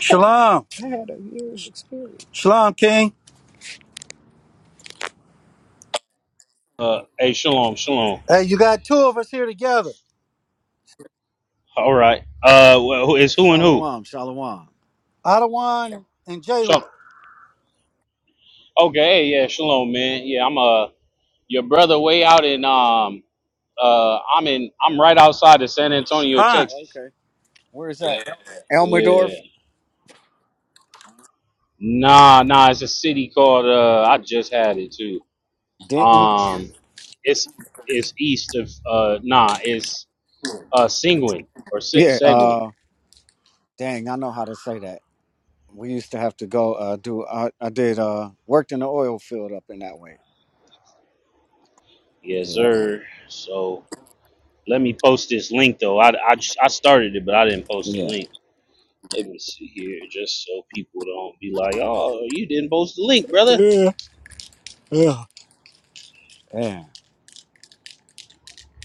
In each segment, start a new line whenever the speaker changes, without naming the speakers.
Shalom. Shalom, King.
Uh, hey, shalom, shalom.
Hey, you got two of us here together.
All right. Uh, well, who is who and who?
Shalom, shalom. Adawan and Jehu.
Shalom. Okay. Hey, yeah, shalom, man. Yeah, I'm uh your brother way out in um uh I'm in I'm right outside of San Antonio,
Hi.
Texas.
Okay. Where is that?
Yeah.
Elmendorf,
Nah, nah. It's a city called uh I just had it too.
Denton.
Um, it's it's east of uh nah it's uh Seguin or Se-
Yeah.
Seguin.
Uh, dang, I know how to say that. We used to have to go uh, do. I, I did. Uh, worked in the oil field up in that way.
Yes,
Yeah.
sir. So let me post this link though. I I, I started it, but I didn't post the
Yeah.
link. Let me see here, just so people don't be like, "Oh, you didn't post the link, brother."
Yeah, yeah. Yeah.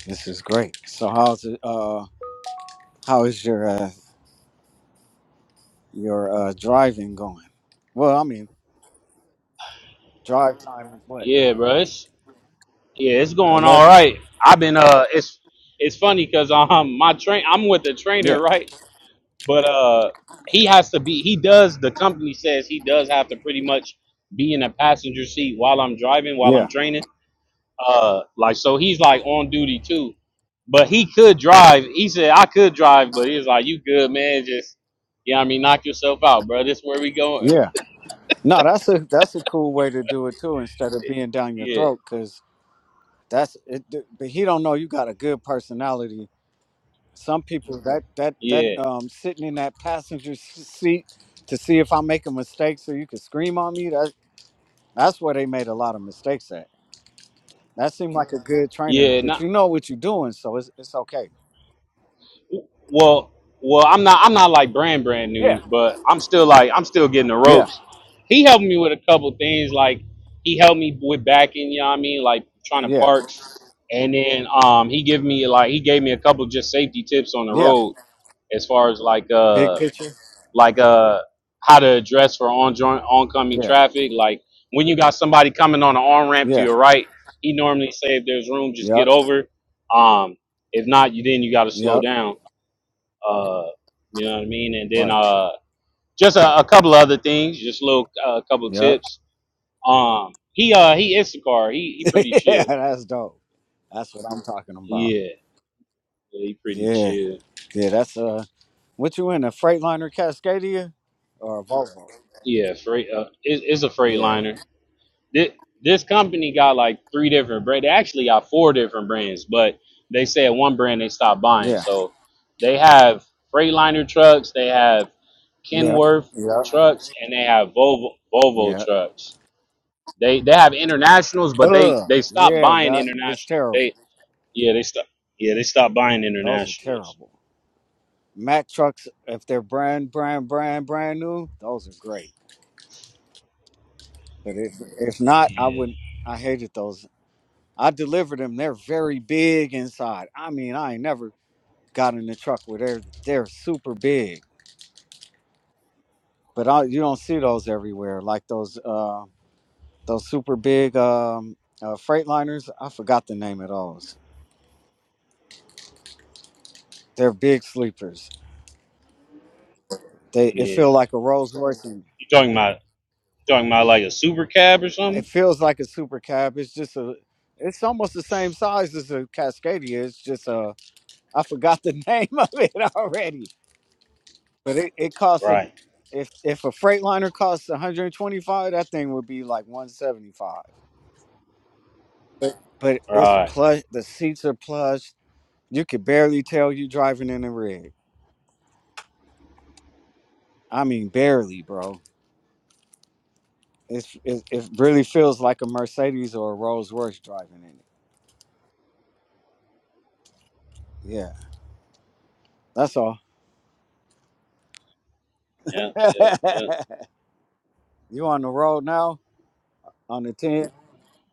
This is great. So how's it? Uh, how is your uh, your uh, driving going? Well, I mean, drive time. is What?
Yeah, bro. It's, yeah, it's going all
Eleven.
right. I've been uh, it's it's funny because um, my train, I'm with the
Yeah,
trainer, right? But uh, he has to be. He does. The company says he does have to pretty much be in a passenger seat while I'm driving, while
yeah,
I'm training. Uh, like so, he's like on duty too. But he could drive. He said I could drive, but he's like, "You good, man? Just yeah, I mean, knock yourself out, bro. This where we go.
yeah. No, that's a that's a cool way to do it too. Instead of being down your
Yeah,
throat, because that's it. But he don't know you got a good personality. Some people that that that
yeah,
um sitting in that passenger s- seat to see if I am making mistakes, so you could scream on me. That that's where they made a lot of mistakes at. That seemed like a good trainer,
yeah.
but
Not
you know what you're doing, so it's it's okay.
well. Well, I'm not. I'm not like brand brand
Yeah,
new, but I'm still like I'm still getting the
yeah,
ropes. He helped me with a couple things. Like he helped me with backing. You know what I mean? Like trying to
yeah,
park, and then um he give me like he gave me a couple just safety tips on the
yeah.
road as far as like
Big
uh
picture.
like uh how to address for on oncoming
Yeah,
traffic. Like when you got somebody coming on an on ramp to
yeah.
your right, he normally say if there's room, just
Yep,
get over. Um, if not, you then you got to slow
yep.
down. Uh, you know what I mean? And then
Right.
uh, just a, a couple of other things, just little uh, a couple of
Yep.
tips. Um, he uh he Instacar, he he pretty
yeah,
chill.
that's dope. That's what I'm talking about.
Yeah, yeah he pretty
Yeah,
chill.
yeah, that's uh, what you in a Freightliner Cascadia or a Volvo?
Yeah, freight. Uh, it, it's a
Yeah,
freightliner. this, this company got like three different brands. They actually got four different brands, but they said one brand they stopped buying.
yeah,
So they have Freightliner trucks, they have
yeah,
Kenworth
yeah,
trucks, and they have Volvo Volvo
yeah.
trucks. They they have internationals, but they
Ugh,
they stopped
yeah,
buying
that is
internationals.
terrible.
They yeah they stopped yeah they stopped buying
Those are
internationals.
terrible. Mack trucks, if they're brand, brand, brand, brand new, those are great. But if if not, I
Yeah
wouldn't. I hated those. I delivered them. They're very big inside. I mean, I ain't never got in a truck where they're they're super big. but I, you don't see those everywhere like those uh those super big um uh, freight liners i forgot the name of those they're big sleepers they it
yeah.
feel like a rolls royce and
You talking about talking about like a super cab or
it
something?
feels like a super cab it's just a it's almost the same size as a cascadia it's just a. I forgot the name of it already but it, it costs a,
Right
if if a freight liner costs 125 that thing would be like 175 but it's
right
plush the seats are plush You could barely tell you driving in a rig. I mean, barely, bro. It's it, it really feels like a Mercedes or a Rolls Royce driving in it. Yeah, that's all.
yeah yeah yeah.
you on the road now? On the ten?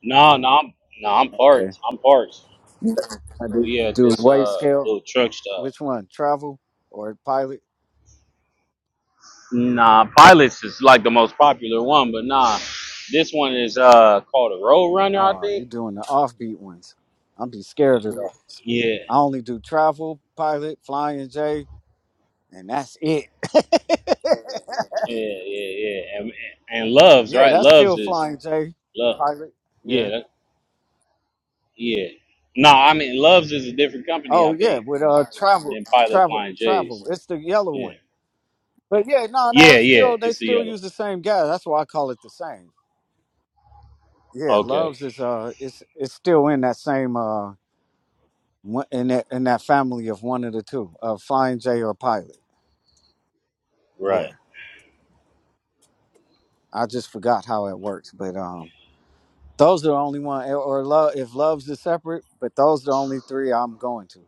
No, no, I'm no, I'm
Okay.
parked. I'm parked.
I do
We at
do
this
weight
uh
scale.
little truck stop.
Which one? Travel or pilot?
Nah, Pilots is like the most popular one, but nah, this one is uh called a Road Runner, I
Oh, you
think.
doing the offbeat ones. I'm be scared of that.
Yeah,
I only do travel, pilot, flying J, and that's it.
yeah, yeah, yeah. And, and Loves,
yeah,
right?
that's
Loves
still
is
flying J,
love.
pilot. Yeah.
Yeah, that- yeah. Nah, I mean Loves is a different company,
Oh
I
yeah,
think,
with uh travel,
than Pilot
travel,
Flying J's.
travel. It's the yellow
Yeah,
one. But yeah, no, no,
yeah,
it's
yeah.
still they
It's the
still
yellow.
use the same guy. That's why I call it the same. Yeah,
Okay,
loves is uh, it's it's still in that same uh, one- in that in that family of one of the two, of Flying J or Pilot. Yeah,
right,
I just forgot how it works, but um, those are the only one. Or or love if loves is separate, but those are the only three I'm going to.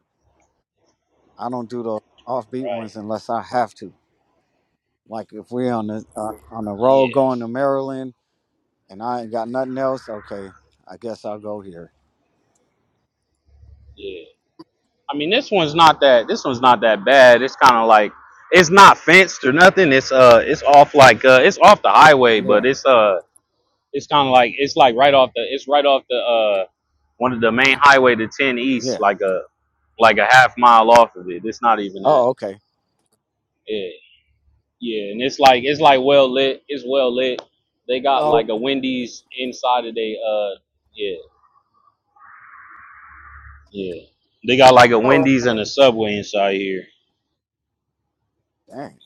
I don't do those offbeat
right.
ones unless I have to. Like if we're on the uh, on the road
Yeah,
going to Maryland and I ain't got nothing else, okay, I guess I'll go here.
yeah. I mean, this one's not that. This one's not that bad. It's kind of like it's not fenced or nothing. It's uh, it's off like uh, it's off the highway,
Yeah,
but it's uh, it's kind of like it's like right off the it's right off the uh, one of the main highway to ten east,
yeah.
like a like a half mile off of it. It's not even that.
Oh, okay.
Yeah, yeah, and it's like it's like well lit. It's well lit. They got
Oh,
like a Wendy's inside of they uh, yeah, yeah. They got like a
oh,
Wendy's and
okay.
a Subway inside here.
Dang.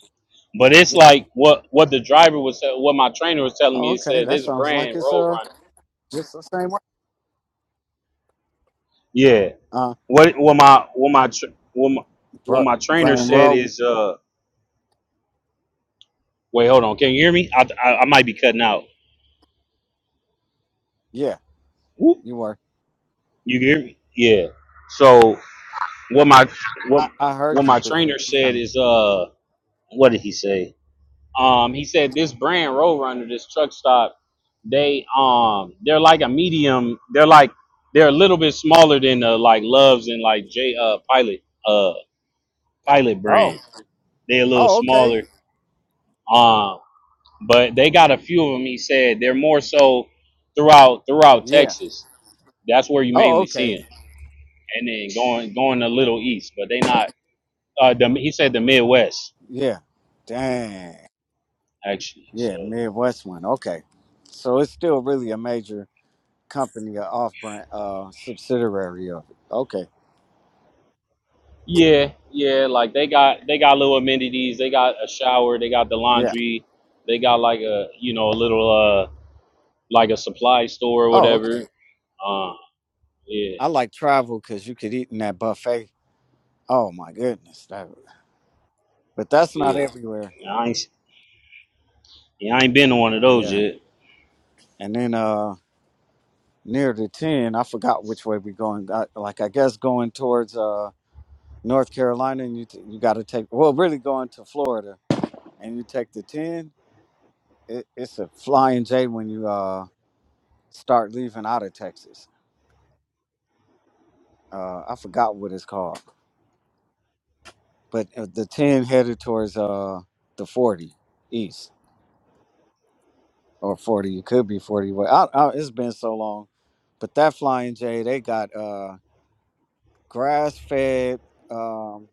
But it's
Yeah.
like what what the driver was what my trainer was telling
Oh,
me. He
okay.
said
That
this
sounds like
brand
it's uh
Roadrunner.
just the same way.
Yeah.
Uh,
What what my what my tr- what my, what
bro,
my trainer
Brian
said
Rowe.
is uh wait hold on can you hear me I I, I might be cutting out.
Yeah,
Whoop.
you were.
You can hear me? Yeah. So what my what
I, I
what
heard you,
my
but you
trainer said
kind of.
is uh what did he say? Um, he said this brand Roadrunner, this truck stop, they um they're like a medium. They're like they're a little bit smaller than the like Loves and like J uh Pilot uh Pilot
Oh,
brand. They're a little
oh, okay.
smaller. Um, but they got a few of them. He said they're more so throughout throughout
Yeah.
Texas. That's where you
Oh,
mainly see
okay.
them, and then going going a little east, but they not. Uh, the, he said the Midwest
Yeah. Dang.
actually.
Yeah,
So.
Midwest one. Okay. So it's still really a major company, a off brand uh subsidiary of it. Okay.
Yeah, yeah, like they got they got little amenities. They got a shower. They got the
Yeah.
laundry. They got like a you know a little uh like a supply store or
Oh, okay.
whatever. Uh, yeah,
I like travel because you could eat in that buffet. Oh my goodness, that, but that's not
yeah.
everywhere.
I ain't yeah, I ain't been to one of those
Yeah,
yet.
and then uh near the ten, I forgot which way we going. I, like I guess going towards uh North Carolina, and you t- you got to take well really going to Florida, and you take the ten. It, it's a flying J when you uh start leaving out of Texas. Uh, I forgot what it's called, but uh, the ten headed towards uh the forty east. or 40 it could be 40 but I, I, it's been so long but that flying j they got uh grass fed um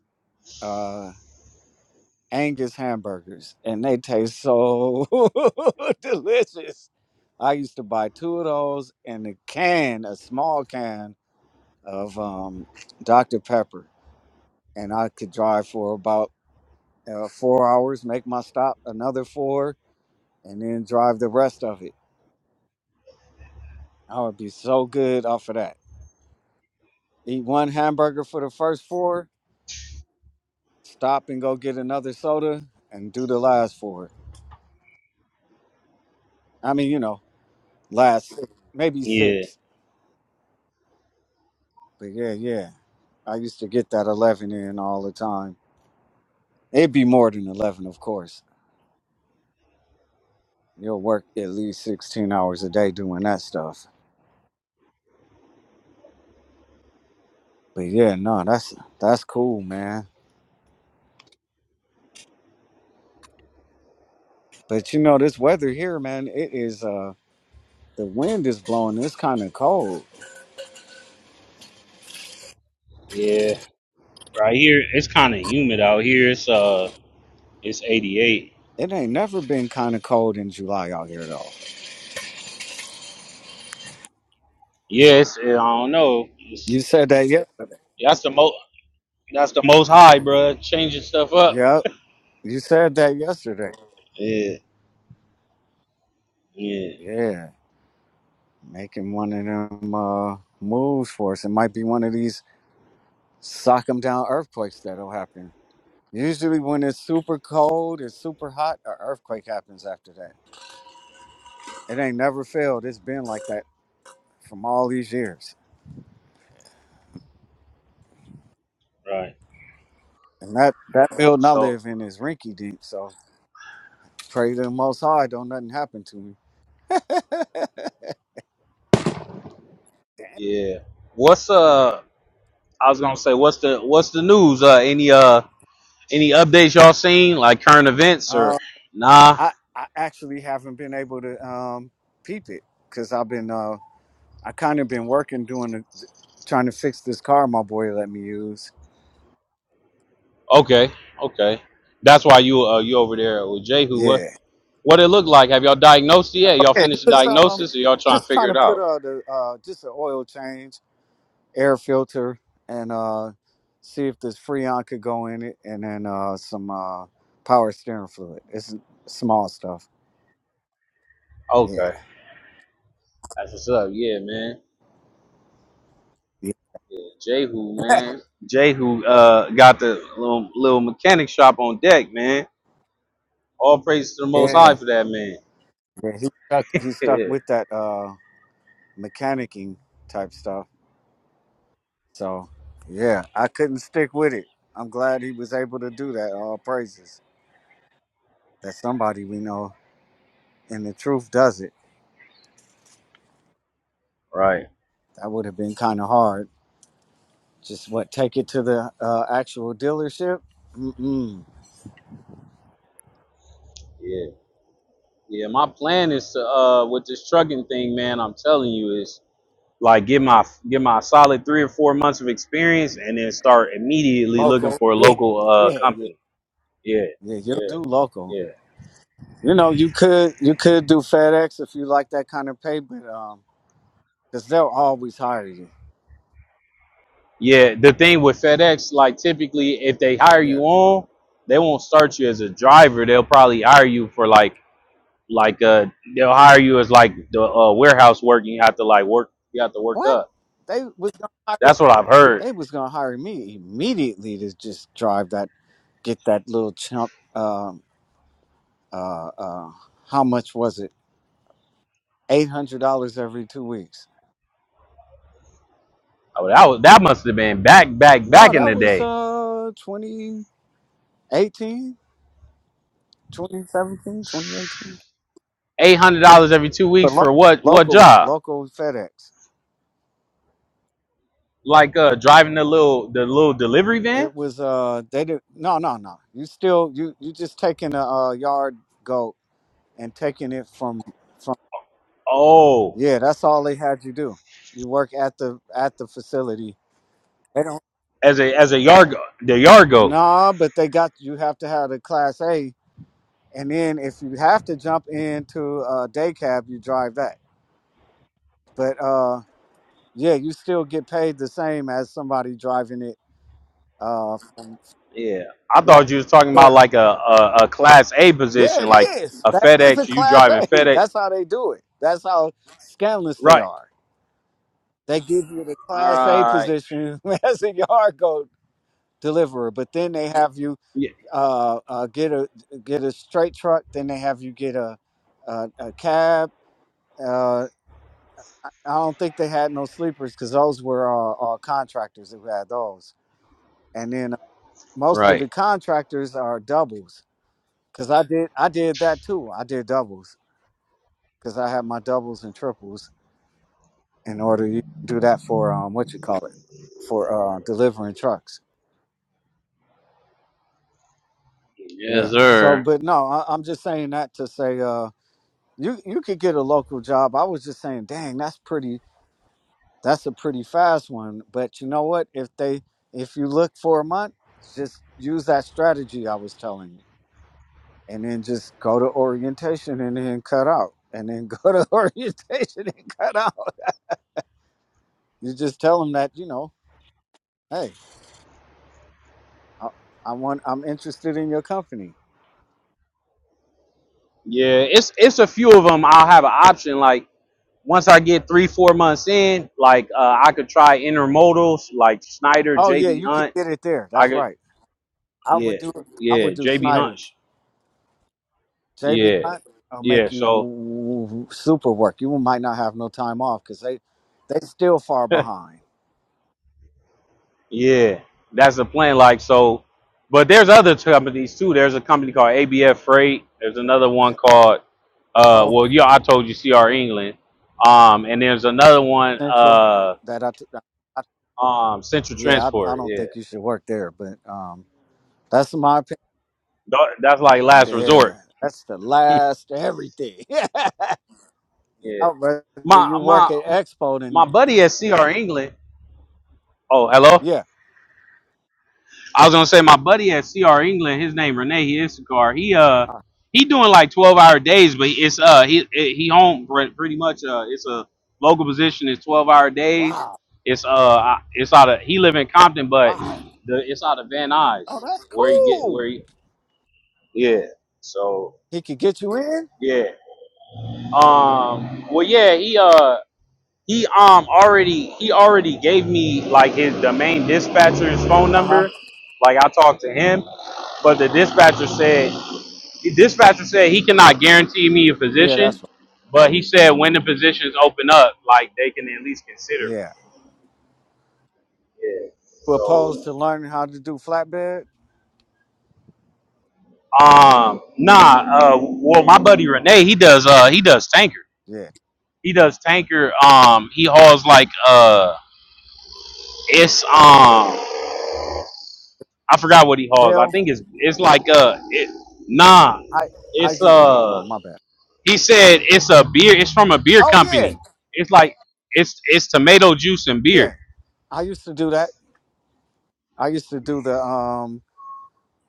uh angus hamburgers and they taste so delicious i used to buy two of those and a can a small can of um dr pepper and i could drive for about uh, four hours make my stop another four and then drive the rest of it i would be so good off of that Eat one hamburger for the first four, stop and go get another soda, and do the last four. I mean, you know, last six, maybe
Yeah,
six. But yeah, yeah. I used to get that 11 in all the time. It'd be more than 11, of course. You'll work at least 16 hours a day doing that stuff. But yeah, no, that's that's cool, man. But you know, this weather here, man, it is uh the wind is blowing. It's kind of cold.
yeah. Right here, it's kind of humid out here. It's uh, it's eighty eight.
It ain't never been kind of cold in July out here though.
Yeah, it's, I don't know.
You
It's
said that yesterday.
that's the most that's the most high, bruh. Changing stuff up.
Yep, you said that yesterday.
Yeah, yeah.
Yeah, making one of them uh, moves for us. It might be one of these sock 'em down earthquakes that'll happen. Usually, when it's super cold, it's super hot, an earthquake happens after that. It ain't never failed. It's been like that from all these years.
Right.
And that, that building I
So
live in is rinky deep, so pray to the Most High, don't nothing happen to me.
yeah. What's uh? I was gonna say, what's the what's the news? Uh, any uh any updates y'all seen like current events
Uh,
or nah?
I, I actually haven't been able to um, peep it because I've been uh, I kind of been working doing the trying to fix this car my boy let me use.
Okay, okay. That's why you uh you over there with Jehu. What
Yeah.
what it look like? Have y'all diagnosed it yet? Y'all
Okay.
finished the
Just um,
diagnosis or y'all trying to
just trying
figure
to
it
put
out?
uh the uh just an oil change, air filter, and uh see if this Freon could go in it, and then uh some uh power steering fluid. It's small stuff. Yeah.
Okay, that's what's up. Yeah, man.
Yeah.
Yeah, Jehu, man. Jehu uh got the little little mechanic shop on deck, man. All praise to the Most High
Yeah.
for that man.
He's stuck. He's stuck
Yeah.
with that uh mechanicking type stuff. So yeah, I couldn't stick with it. I'm glad he was able to do that. All praises that somebody we know and the truth does it.
Right.
That would have been kind of hard. Just what? Take it to the uh, actual dealership. Mm-mm.
Yeah. Yeah, my plan is to uh with this trucking thing, man. I'm telling you, is like get my get my solid three or four months of experience, and then start immediately looking
Local.
for a
Yeah,
local uh
yeah, yeah,
company. Yeah,
yeah. You'll
yeah,
do local.
yeah,
You know, you could you could do FedEx if you like that kind of pay, but um, because they'll always hire you.
yeah. The thing with FedEx, like typically, if they hire
Yeah.
you on, they won't start you as a driver. They'll probably hire you for like like uh they'll hire you as like the uh, warehouse work. And you have to like work. You have to work
What?
up.
They was gonna hire.
That's what I've heard.
They was gonna hire me immediately to just drive that, get that little chump. Um, uh, uh, how much was it? Eight hundred dollars every two weeks.
Oh, that was, that must have been back back
No,
back in
that
the
was
day.
uh twenty. Eighteen, twenty, seventeen, twenty, eighteen.
eight hundred dollars every two
But
weeks for
lo-
what what
local,
job?
local FedEx.
Like uh driving the little the little delivery van?
It was uh they did no no no. You still you you just taking a, uh yard goat and taking it from from
Oh,
yeah. That's all they had you do. You work at the at the facility. They don't
as a as a yard the yard goat.
nah, but they got you have to have the class A, and then if you have to jump into a day cab, you drive that. But uh yeah, you still get paid the same as somebody driving it. Uh,
Yeah, I
Long
thought you was talking about
short.
like a a, a class A
Yeah,
position,
it
like
is.
a
That is a
FedEx. You
class
driving
A.
FedEx?
That's how they do it. That's how scandalous they
Right.
are. They give you the
All
class A
right.
position as a yard goat deliverer, but then they have you
Yeah.
uh, uh, get a get a straight truck. Then they have you get a a, a cab. Uh, I don't think they had no sleepers because those were uh, all contractors who had those. And then uh, most of the
Right.
contractors are doubles because I did I did that too. I did doubles because I have my doubles and triples in order to do that for um what you call it for uh delivering trucks. Yeah.
Yes,
So,
sir.
but no, I, I'm just saying that to say uh you you could get a local job. I was just saying, dang, that's pretty. That's a pretty fast one. But you know what? If they if you look for a month, just use that strategy I was telling you, and then just go to orientation and then cut out, and then go to orientation and cut out. You just tell them that you know. Hey, I, I want. I'm interested in your company.
Yeah. It's it's a few of them. I'll have an option like once I get three, four months in, like uh, I could try intermodals like Schneider,
Oh yeah,
JB
you could
Hunt.
get it there.
I
That's
could
right. I
Yeah,
would do. I
yeah.
would do
JB
Snyder.
Hunch.
JB
Yeah,
Hunt. I'll
yeah.
make you
So,
w- w- super work. You might not have no time off because they they still far behind.
yeah, that's the plan. Like so, but there's other companies too. There's a company called ABF Freight. There's
Yeah.
another one
C- Uh,
called, uh,
oh,
well, yeah, I told you CR England. Um, and there's another one,
Central.
uh,
That I, t- I-
um, Central
yeah. I, I
Transport.
don't
Yeah,
think you should work there, but um, that's my opinion.
Tha- that's like last
Yeah,
resort.
that's the last everything.
Yeah,
I'd rather
my
you work
my
at Expo
my
than
buddy at CR England. Oh, hello.
yeah.
I was gonna say my buddy at CR England, his name Renee he Issacar. He uh
Uh,
he doing like twelve hour days, but it's uh he he home pretty much uh it's a local position. It's twelve hour days.
Wow.
It's uh it's out of he live in Compton, but
Wow.
the it's out of Van
Oh,
Nuys
that's
where he get
cool.
where he yeah. So
He could get you in.
yeah. Um. Well, yeah. He uh he um already he already gave me like his domain dispatcher's phone
Uh huh.
number. Like I talked to him But the dispatcher said, the dispatcher said he cannot guarantee me a
Yeah,
position,
that's right.
but he said when the positions open up, like they can at least consider me.
Yeah.
Yeah.
We're opposed
So,
to learning how to do flatbed.
um, nah. Uh, well, my buddy Renee, he does. Uh, he does tanker.
Yeah.
He does tanker. Um, he hauls like uh, it's um, I forgot what he hauls. I
Gel,
think it's it's like uh, it, nah,
hy-
it's
hydrogen. Oh,
uh
my bad.
He said it's a beer. It's from a beer
Oh yeah,
company. It's like it's it's tomato juice and beer.
yeah. I used to do that. I used to do the um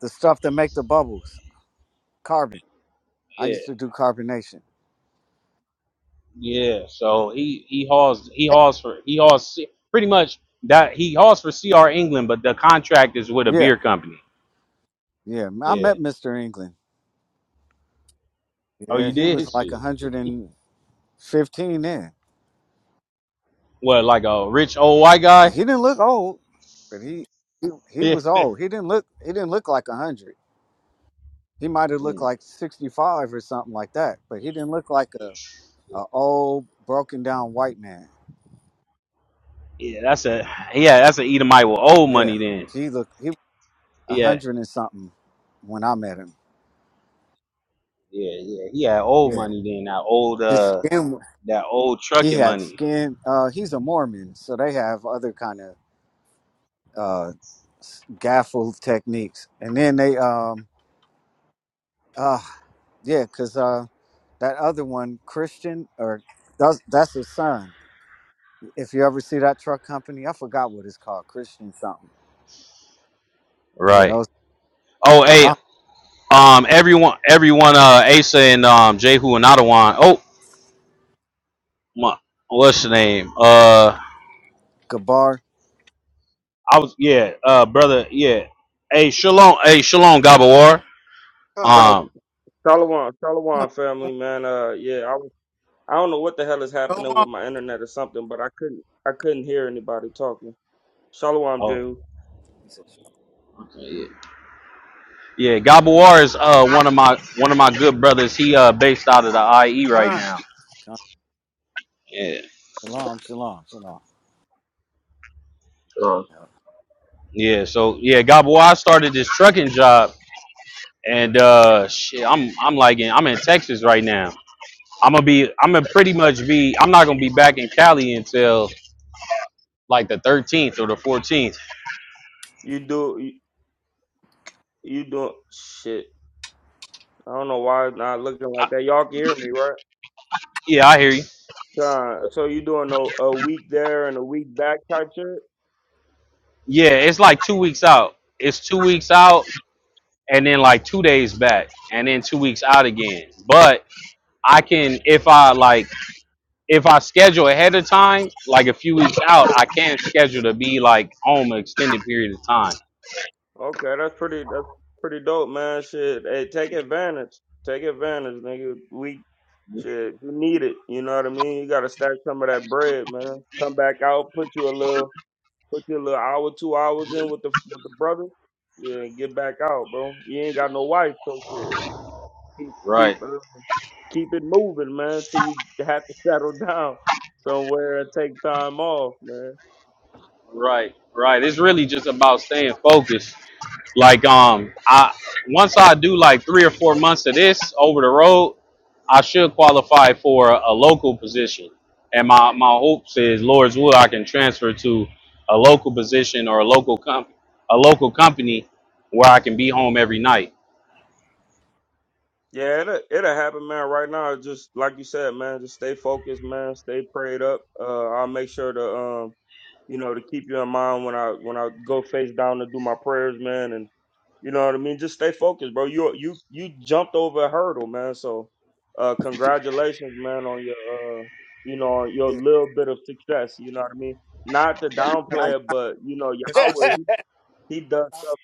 the stuff that make the bubbles, carbon. I
Yeah,
used to do carbonation.
yeah. So he he hauls he hauls for he hauls C- pretty much that he hauls for CR England, but the contract is with a
Yeah,
beer company.
yeah. I
Yeah.
met Mr. England.
Oh,
Yeah,
you
he
did?
was like
Shit.
115 then.
What, like a rich old white
And
guy?
he didn't look old, but he he, he was old. He didn't look he didn't look like 100. He might have looked
Yeah.
like 65 or something like that, but he didn't look like a, a old, broken down white man.
Yeah. Yeah, that's a yeah, that's an Edomite with old
Yeah.
money then.
He looked, he was
Yeah.
100 and something when I met him.
Yeah, yeah. He had old
Yeah.
money then, that old
His
uh
skin,
that old
he
trucking
had
money.
skin. Uh, he's a Mormon, so they have other kind of uh, s- gaffle techniques. And then they, um, uh, yeah, because uh, that other one, Christian, or that's, that's his son. If you ever see that truck company, I forgot what it's called, Christian something. Yeah,
Right.
those.
Oh, hey, Um, everyone, everyone, uh, Asa and um, Jehu and Ottawa. Oh, my, what's the name? Uh,
Kabar.
I was, yeah, uh, brother, yeah. Hey, Shalom, hey, Shalom,
Con,
Gabawar.
con.
Uh,
Um,
Shalom,
No,
Shalom family, man. Uh, yeah, I, was- I don't know what the hell is
go
happening
on.
with my internet or something, but I couldn't, I couldn't hear anybody talking. Shalom,
oh,
Jehu.
He said,
okay, yeah, yeah. Gabawar is uh one of my one of my good brothers. He uh based out of the IE right
Con.
now. Yeah.
Shalom, shalom, shalom.
Sure.
Yeah, so yeah, Gabo, I started this trucking job, and uh, shit, I'm I'm like in, I'm in Texas right now, I'm gonna be. I'm gonna pretty much be. I'm not gonna be back in Cali until like the 13th or the 14th.
You do, you, you doing shit. I don't know why it's not looking
I,
like that. Y'all can hear me, right?
yeah, I hear you.
Uh, so you doing a, a week there and a week back type shit?
Yeah, it's like two weeks out. It's two weeks out, and then like two days back, and then two weeks out again. But I can, if I like, if I schedule ahead of time, like a few weeks out, I can schedule to be like home an extended period of time.
Okay, that's pretty, that's pretty dope, man. Shit, hey, take advantage, take advantage, nigga. Week Shit, you need it. You know what I mean? You gotta stack some of that bread, man. Come back out, put you a little, put you a little hour, two hours in with the with the brother. Yeah, and get back out, bro. You ain't got no wife, so shit. Keep
Right,
keep uh, keep it moving, man, till you have to settle down somewhere and take time off, man.
right, right. It's really just about staying focused Like um, I once I do like three or four months of this over the road, I should qualify for a, a local position. And my my hopes is Lord's will I can transfer to a local position or a local comp a local company where I can be home every night.
Yeah, it'll, it'll happen, man. Right now, just like you said, man, just stay focused, man. Stay prayed up. Uh, I'll make sure to. um. you know, to keep you in mind when I when I go face down to do my prayers, man, and you know what I mean. Just stay focused, bro. You you you jumped over a hurdle, man. So, uh, congratulations, man, on your uh, you know, on your
Yeah,
little bit of success. You know what I mean. Not to
yeah
downplay it, but you know,
that's what I
Yahweh,
said.
he, he does stuff.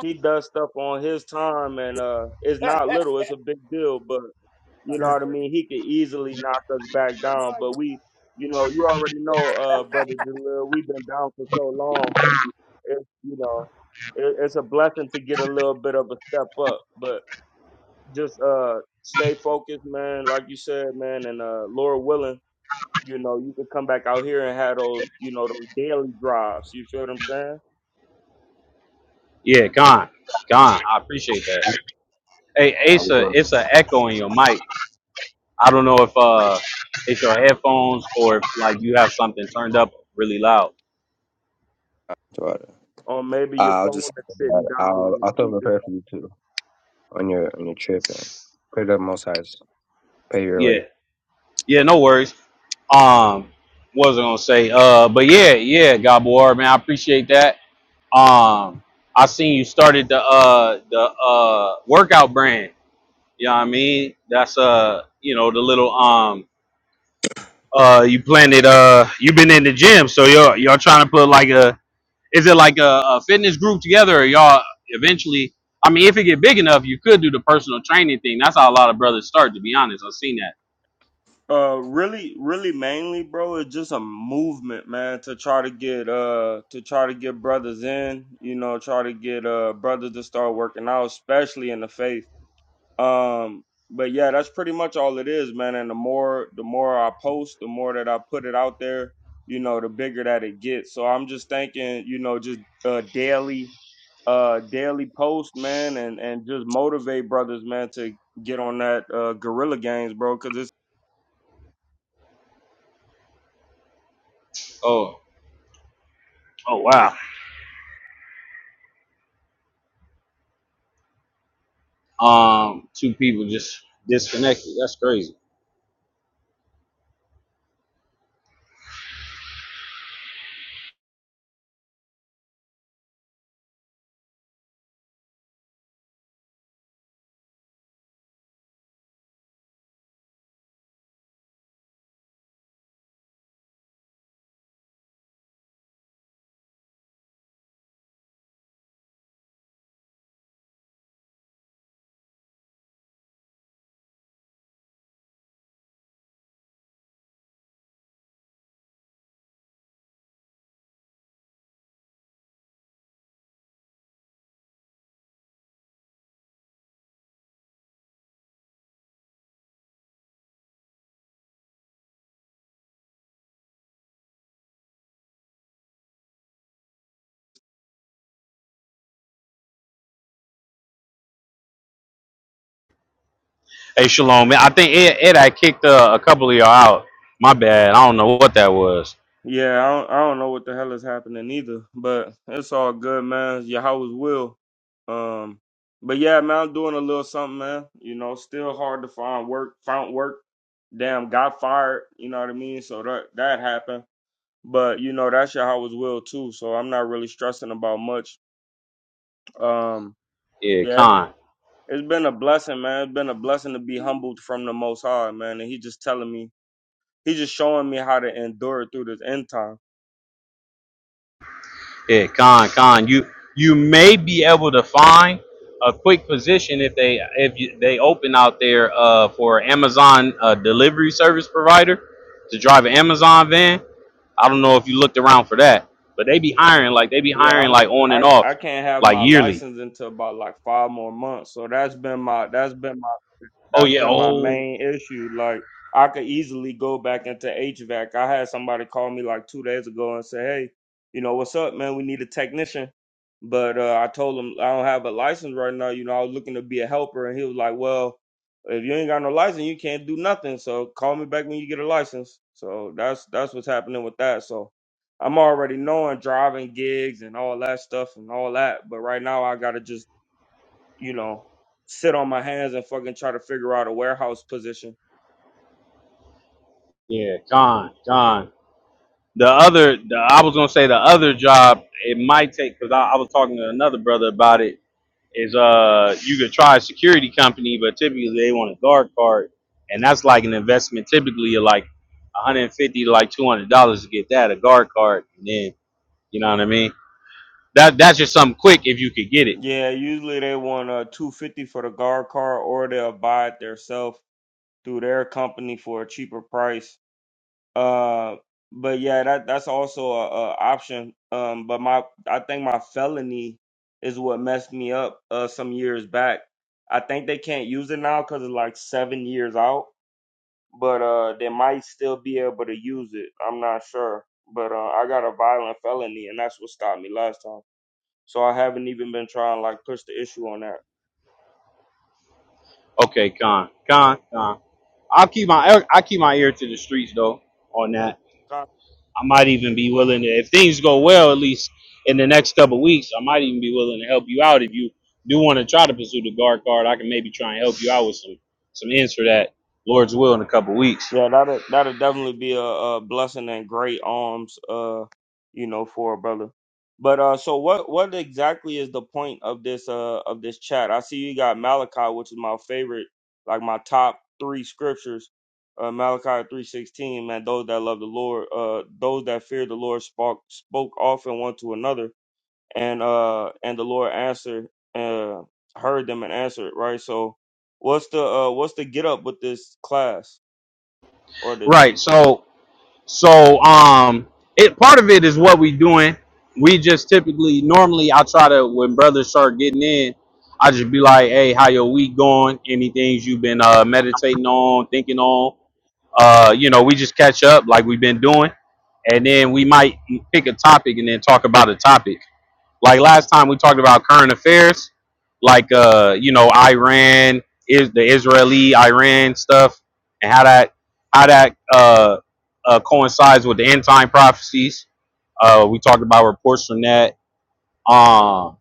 He does stuff on his time, and uh, it's not
Yeah.
little. It's a big deal, but you know
yeah,
what I mean? He could easily knock us back down, but we, you know, you already know, uh, brother Jalil, we've been down for so long. It's you know, it, it's a blessing to get a little bit of a step up, but just uh, stay focused, man. Like you said, man, and uh, Lord willing, you know, you can come back out here and have those, you know, those daily drives. You feel what I'm saying?
Yeah, gone, gone. I appreciate that. Hey
Uh, I'll be
Asa,
good.
it's an echo in your mic. I don't know if uh it's your headphones or if like you have something turned up really loud.
Right.
Or maybe your
I'll
phone
just
is sitting down
I'll
on the
I'll throw up a
speaker
prayer for you too on your on your trip and pray to the Most High's pay your
Yeah.
way.
Yeah, no worries. Um, what was I gonna say? Uh, but yeah, yeah, Gabor, man, I appreciate that. Um, I seen you started the uh the uh workout brand. You know what I mean? That's uh, you know, the little um uh you planted uh you've been in the gym, so y'all y'all trying to put like a is it like a, a fitness group together or y'all eventually I mean if it get big enough you could do the personal training thing. That's how a lot of brothers start to be honest. I've seen that.
Uh, really, really, mainly, bro, it's just a movement, man, to try to get uh to try to get brothers in, you know, try to get uh brothers to start working out, especially in the faith. Um, but yeah, that's pretty much all it is, man. And the more the more I post, the more that I put it out there, you know, the bigger that it gets. So I'm just thinking, you know, just uh daily, uh daily post, man, and and just motivate brothers, man, to get on that uh guerrilla games, bro, because it's.
Oh oh wow. Um, two people just disconnected. That's crazy. Hey, Shalom, man. I think Ed, Ed I kicked uh, a couple of y'all out. My bad. I don't know what that was.
Yeah, I don't, I don't know what the hell is happening either, but it's all good, man. Yahweh's will. Um, but yeah, man, I'm doing a little something, man. You know, still hard to find work. Found work. Damn, got fired. You know what I mean? So that that happened. But you know, that's Yahweh's will too. So I'm not really stressing about much. Um,
Yeah,
yeah,
Con.
it's been a blessing, man. It's been a blessing to be humbled from the Most High, man. And He just telling me, He just showing me how to endure through this end time.
Yeah, Con. Con. You you may be able to find a quick position if they if you, they open out there uh, for Amazon uh, delivery service provider to drive an Amazon van. I don't know if you looked around for that, but they be hiring like they be
Yeah, I
hiring
don't.
like on and
I, I
off,
can't have
like
my
yearly.
license until about like five more months. So that's been my that's been my
Oh
that's
yeah.
been my
Oh
main issue. Like I could easily go back into HVAC. I had somebody call me like two days ago and say, "Hey, you know what's up, man? We need a technician." But uh, I told him I don't have a license right now. You know, I was looking to be a helper, and he was like, "Well, if you ain't got no license, you can't do nothing. So call me back when you get a license." So that's that's what's happening with that. So I'm already knowing driving gigs and all that stuff and all that, but right now I gotta just, you know, sit on my hands and fucking try to figure out a warehouse position.
Yeah, John, John. The other, the, I was gonna say the other job it might take because I, I was talking to another brother about it. Is uh, you could try a security company, but typically they want a guard card, and that's like an investment. Typically, of like 150 to like 200 dollars to get that a guard card, and then you know what I mean. That that's just something quick if you could get it.
Yeah, usually they want a two fifty for the guard car or they'll buy it themselves through their company for a cheaper price. Uh but yeah, that that's also a, a option. Um but my I think my felony is what messed me up uh some years back. I think they can't use it now because it's like seven years out but uh, they might still be able to use it. I'm not sure, but uh, I got a violent felony, and that's what stopped me last time. So I haven't even been trying like push the issue on that.
Okay, con, con, con. I'll keep my I keep my ear to the streets though on that. I might even be willing to, if things go well, at least in the next couple weeks, I might even be willing to help you out. If you do want to try to pursue the guard card, I can maybe try and help you out with some some ends for that, Lord's will, in a couple weeks.
Yeah, that'll that'll definitely be a, a blessing and great arms, uh, you know, for a brother. But uh, so what what exactly is the point of this uh of this chat? I see you got Malachi, which is my favorite, like my top three scriptures. Uh, Malachi three sixteen, man, those that love the Lord, uh, those that fear the Lord spoke spoke often one to another, and uh, and the Lord answered, uh, heard them and answered, right? So, what's the uh, what's the get up with this class? or this?
Right. So So um, it part of it is what we doing. We just typically normally I try to when brothers start getting in, I just be like, hey, how your week going? Any things you've been uh, meditating on, thinking on? Uh, you know, we just catch up like we've been doing, and then we might pick a topic and then talk about a topic. Like last time we talked about current affairs, like uh, you know, Iran is the Israeli Iran stuff and how that how that uh, uh coincides with the end time prophecies. Uh we talked about reports from that. Um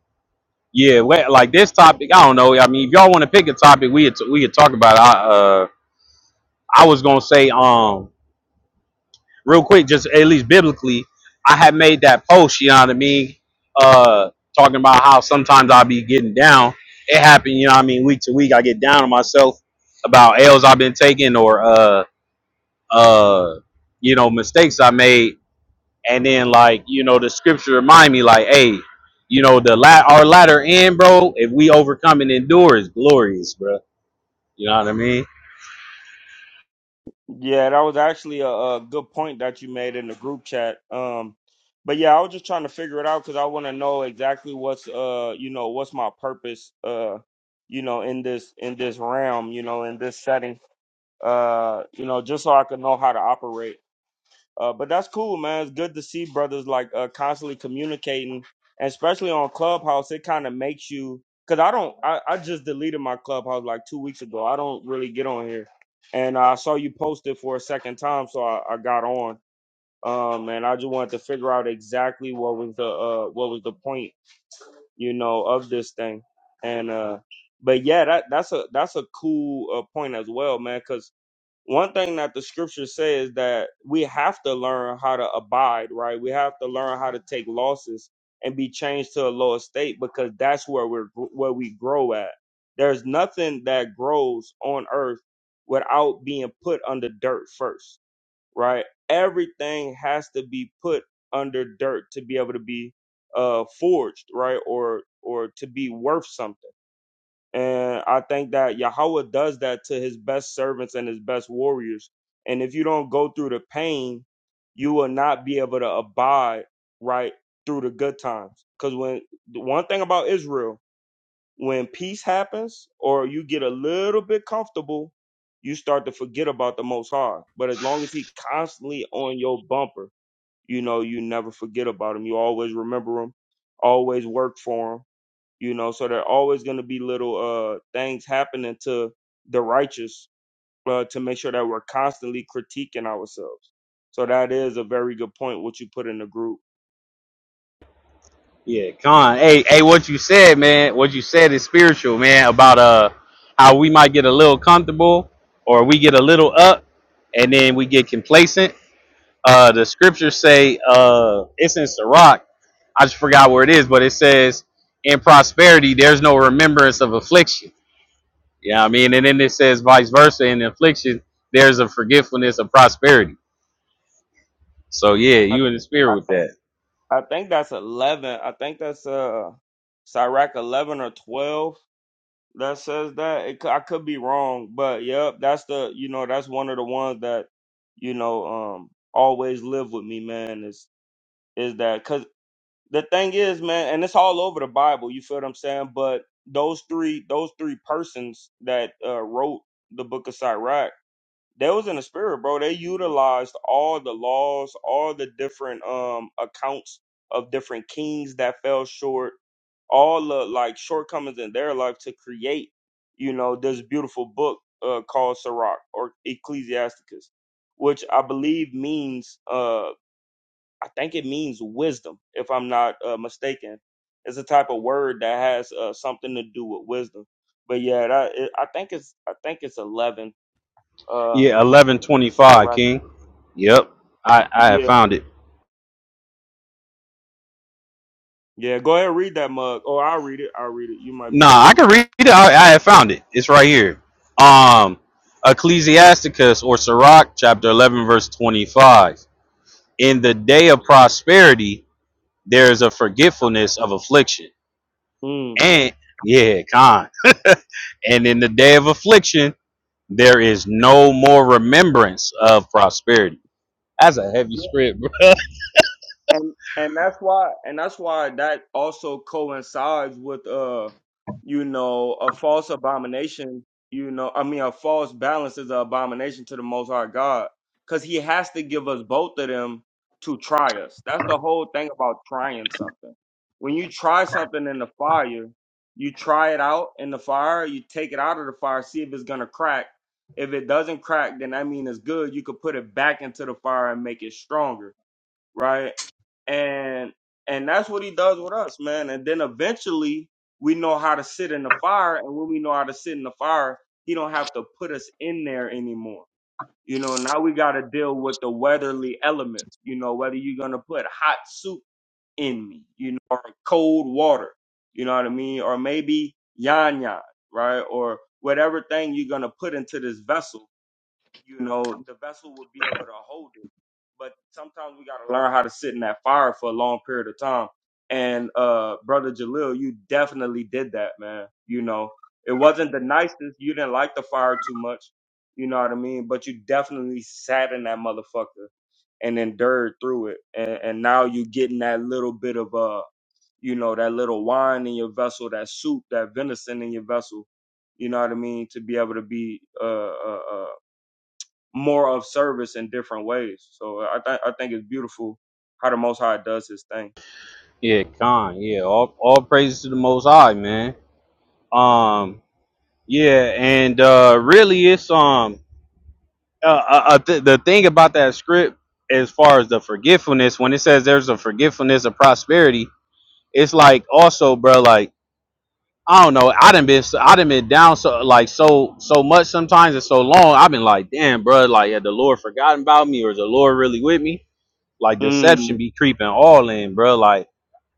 yeah, we- like this topic, I don't know. I mean, if y'all want to pick a topic, we could, we could talk about. It. I uh, I was gonna say, um, real quick, just at least biblically, I had made that post, you know what I mean? Uh talking about how sometimes I'll be getting down. It happened, you know what I mean, week to week I get down on myself about L's I've been taking or uh uh you know, mistakes I made and then like, you know, the scripture remind me like, hey, you know, the la- our latter end, bro, if we overcome and endure is glorious, bro. You know what I mean?
Yeah, that was actually a, a good point that you made in the group chat. Um, but yeah, I was just trying to figure it out because I want to know exactly what's uh, you know, what's my purpose uh, you know, in this in this realm, you know, in this setting. Uh, you know, just so I could know how to operate. Uh, but that's cool, man. It's good to see brothers like uh, constantly communicating, and especially on Clubhouse. It kind of makes you because I don't. I, I just deleted my Clubhouse like two weeks ago. I don't really get on here, and I saw you post it for a second time, so I, I got on. Um, and I just wanted to figure out exactly what was the uh what was the point, you know, of this thing, and uh, but yeah, that that's a that's a cool uh, point as well, man. Because one thing that the scripture says that we have to learn how to abide, right? We have to learn how to take losses and be changed to a lower state because that's where we're where we grow at. There's nothing that grows on earth without being put under dirt first, right? Everything has to be put under dirt to be able to be uh forged, right? Or or to be worth something. And I think that Yahweh does that to his best servants and his best warriors. And if you don't go through the pain, you will not be able to abide right through the good times. Because when the one thing about Israel, when peace happens or you get a little bit comfortable, you start to forget about the most high. But as long as he constantly on your bumper, you know, you never forget about him. You always remember him, always work for him you know so there are always going to be little uh things happening to the righteous uh, to make sure that we're constantly critiquing ourselves so that is a very good point what you put in the group
Yeah, Con. Hey, hey, what you said, man? What you said is spiritual, man. About uh, how we might get a little comfortable, or we get a little up, and then we get complacent. Uh, the scriptures say, uh, it's in Sirach. I just forgot where it is, but it says, in prosperity, there's no remembrance of affliction. Yeah, I mean, and then it says vice versa. In affliction, there's a forgetfulness of prosperity. So yeah,
i,
you in the
I
spirit with
think
that.
i think that's 11 i think that's uh sirach 11 or 12 that says that it, cou- i could be wrong but yep that's the you know that's one of the ones that you know um always live with me man is is that the thing is, man, and it's all over the Bible. You feel what I'm saying? But those three, those three persons that uh, wrote the Book of Sirach, they was in the spirit, bro. They utilized all the laws, all the different um accounts of different kings that fell short, all the like shortcomings in their life to create, you know, this beautiful book uh, called Sirach or Ecclesiasticus, which I believe means uh I think it means wisdom, if I'm not uh, mistaken. It's a type of word that has uh, something to do with wisdom. But yeah, that, it, I think it's I think it's eleven. Uh,
Yeah, eleven twenty
sorry,
five,
Rock.
King. Yep, I I have
Yeah,
found it.
yeah. Go ahead, read that mug. Oh, I'll read it. I'll read it. You might be
Nah, I
busy.
can read it. I, I have found it. It's right here. Um, Ecclesiasticus or Sirach, chapter 11, verse 25. In the day of prosperity, there is a forgetfulness of affliction.
Mm.
And, yeah, con. and in the day of affliction, there is no more remembrance of prosperity. That's a heavy script, bro.
and and that's why and that's why that also coincides with uh you know a false abomination you know i mean a false balance is an abomination to the most high god because he has to give us both of them to try us that's the whole thing about trying something when you try something in the fire you try it out in the fire you take it out of the fire see if it's gonna crack if it doesn't crack then that mean it's good you could put it back into the fire and make it stronger right? And and that's what he does with us, man. And then eventually we know how to sit in the fire, and when we know how to sit in the fire, he don't have to put us in there anymore. You know, now we got to deal with the weatherly elements. You know, whether you're gonna put hot soup in me, you know, or cold water, you know what I mean, or maybe yan yan, right, or whatever thing you're gonna put into this vessel you know, the vessel would be able to hold it. But sometimes we gotta learn how to sit in that fire for a long period of time. And uh brother Jalil, you definitely did that, man. You know, it wasn't the nicest. You didn't like the fire too much. You know what I mean? But you definitely sat in that motherfucker and endured through it. And, and now you getting that little bit of uh, you know, that little wine in your vessel, that soup, that venison in your vessel. You know what I mean? To be able to be uh, uh, uh more of service in different ways. So I think I think it's beautiful how the Most High does His thing.
Yeah, con. Yeah, all, all praises to the Most High, man. Um, yeah, and uh, really, it's um, uh, uh, uh, th- the thing about that script, as far as the forgetfulness, when it says there's a forgetfulness of prosperity, it's like also, bro, like I don't know, I done been, so- I done been down so like so so much sometimes and so long. I've been like, damn, bro, like had the Lord forgotten about me or is the Lord really with me? Like
Mm,
deception be creeping all in, bro. Like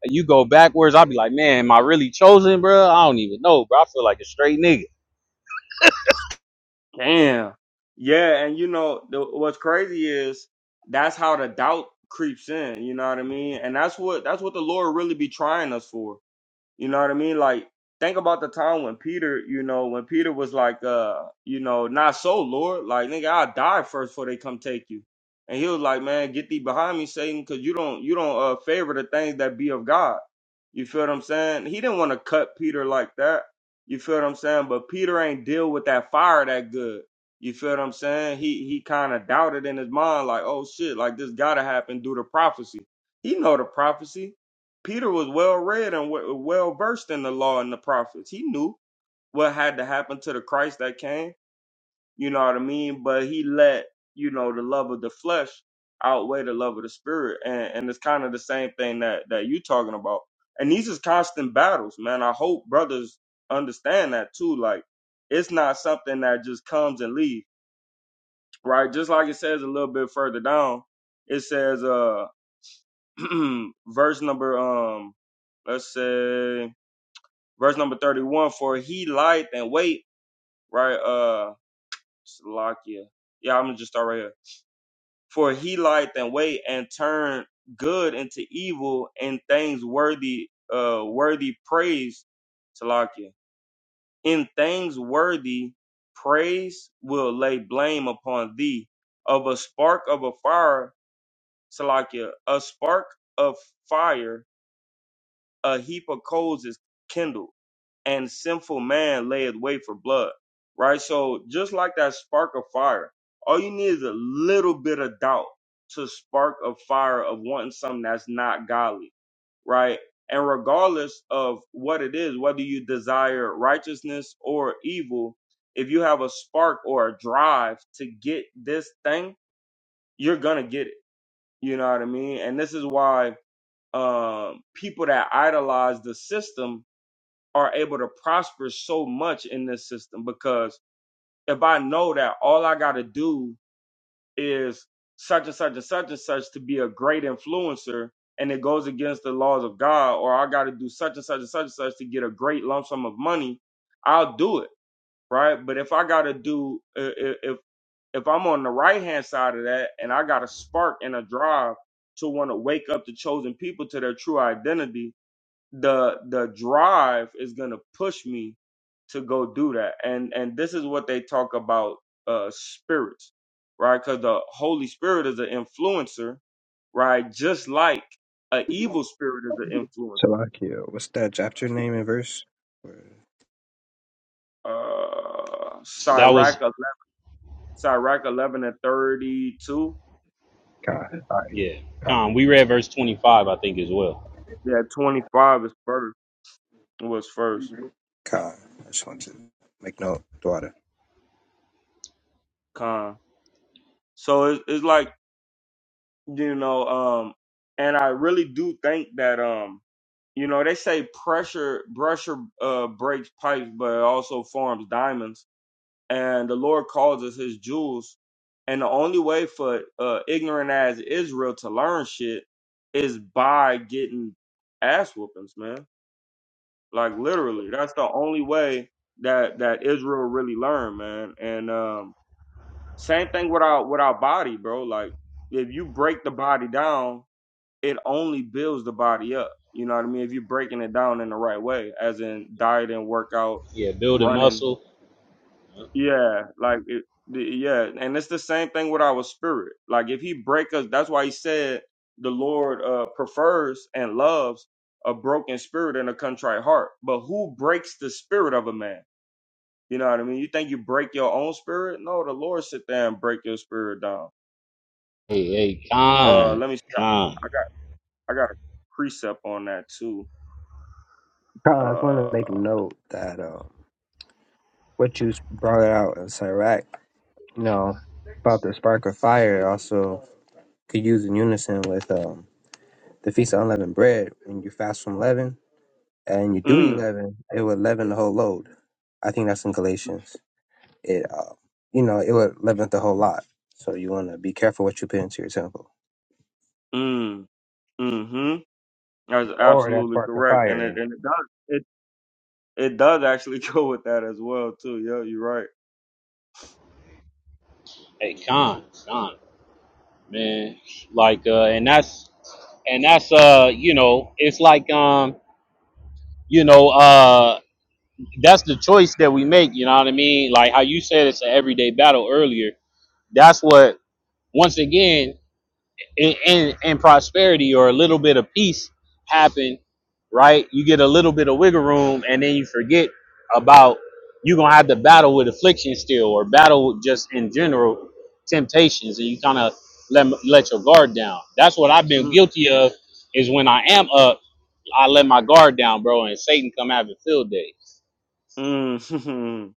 you go backwards, I'll be like, man, am I really chosen, bro? I don't even know, bro. I feel like a straight nigga.
damn. Yeah, and you know the, what's crazy is that's how the doubt creeps in. You know what I mean? And that's what that's what the Lord really be trying us for. You know what I mean? Like, think about the time when Peter, you know, when Peter was like, uh, you know, not so, Lord. Like, nigga, I'll die first before they come take you. And he was like, man, get thee behind me, Satan, because you don't, you don't uh, favor the things that be of God. You feel what I'm saying? He didn't want to cut Peter like that. You feel what I'm saying? But Peter ain't deal with that fire that good. You feel what I'm saying? He he kind of doubted in his mind, like, oh shit, like this gotta happen due to prophecy. He know the prophecy. Peter was well read and well versed in the law and the prophets. He knew what had to happen to the Christ that came. You know what I mean? But he let, you know, the love of the flesh outweigh the love of the spirit. And, and it's kind of the same thing that, that you are talking about. And these is constant battles, man. I hope brothers understand that too. Like, it's not something that just comes and leaves, right? Just like it says a little bit further down, it says, uh, verse number, um, let's say, verse number 31 for he lieth and wait right uh Salakia. yeah i'm gonna just start right here for he lieth and wait and turn good into evil and things worthy uh worthy praise Salakia. in things worthy praise will lay blame upon thee of a spark of a fire Salakia, a spark of fire a heap of coals is kindled and sinful man layeth wait for blood. Right? So just like that spark of fire, all you need is a little bit of doubt to spark a fire of wanting something that's not godly. Right? And regardless of what it is, whether you desire righteousness or evil, if you have a spark or a drive to get this thing, you're gonna get it. You know what I mean? And this is why um people that idolize the system are able to prosper so much in this system because if I know that all I got to do is such and such and such and such to be a great influencer and it goes against the laws of God, or I got to do such and such and such and such to get a great lump sum of money, I'll do it. Right. But if I got to do, i- i- if, if I'm on the right hand side of that and I got a spark and a drive to want to wake up the chosen people to their true identity, the the drive is going to push me to go do that and and this is what they talk about uh spirits right because the holy spirit is an influencer right just like an evil spirit is an influencer
Salakia, what's that chapter name and verse? Kai.
uh
That
sirach
was
11, sirach 11 and 32
All right,
yeah. Con, we read verse twenty five, I think, as well.
yeah 25 is first was first
Kai. I just want to make note, daughter.
con so it's, it's like you know um and i really do think that um you know they say pressure pressure uh breaks pipes but it also forms diamonds and the lord calls us his jewels and the only way for uh ignorant as israel to learn shit is by getting ass whoopings man like literally that's the only way that that israel really learn man and um same thing with our with our body bro like if you break the body down it only builds the body up. You know what I mean? If you're breaking it down in the right way, as in diet and workout,
Yeah, building
running.
muscle.
Yeah, like it, the- yeah, and it's the same thing with our spirit. Like if he break us, that's why he said the Lord uh, prefers and loves a broken spirit and a contrite heart. But who breaks the spirit of a man? You know what I mean? You think you break your own spirit? No, the Lord sit there and break your spirit down.
Hey, hey,
Uh,
Khan,
let me see.
Khan,
I I got I got a precept on that too.
Kai, I just want to
Uh.
make note that um what you brought out in Sirach, you know, about the spark of fire, also could use in unison with um the feast of unleavened bread when you fast from leaven and you do
Mm,
11, it would leaven the whole load. I think that's in Galatians. It, uh, you know, it would leaven the whole lot. So you want to be careful what you put into your temple.
mm, mm-hmm. That's
Or that
absolutely
spark of
correct, and it
fire.
and it does it it does actually go with that as well too. Yeah, you're right.
hey, Khan, Khan, man. Like, uh, and that's, and that's, uh, you know, it's like, um, you know, uh, that's the choice that we make. You know what I mean? Like how you said, it's an everyday battle earlier. That's what. Once again, and, and, and prosperity or a little bit of peace happen, right? You get a little bit of wiggle room and then you forget about you're gonna have to battle with affliction still or battle with just in general temptations and you kind of let, let your guard down. That's what I've been
Mm,
guilty of is when I am up, I let my guard down, bro, and Satan come have a field day.
mm.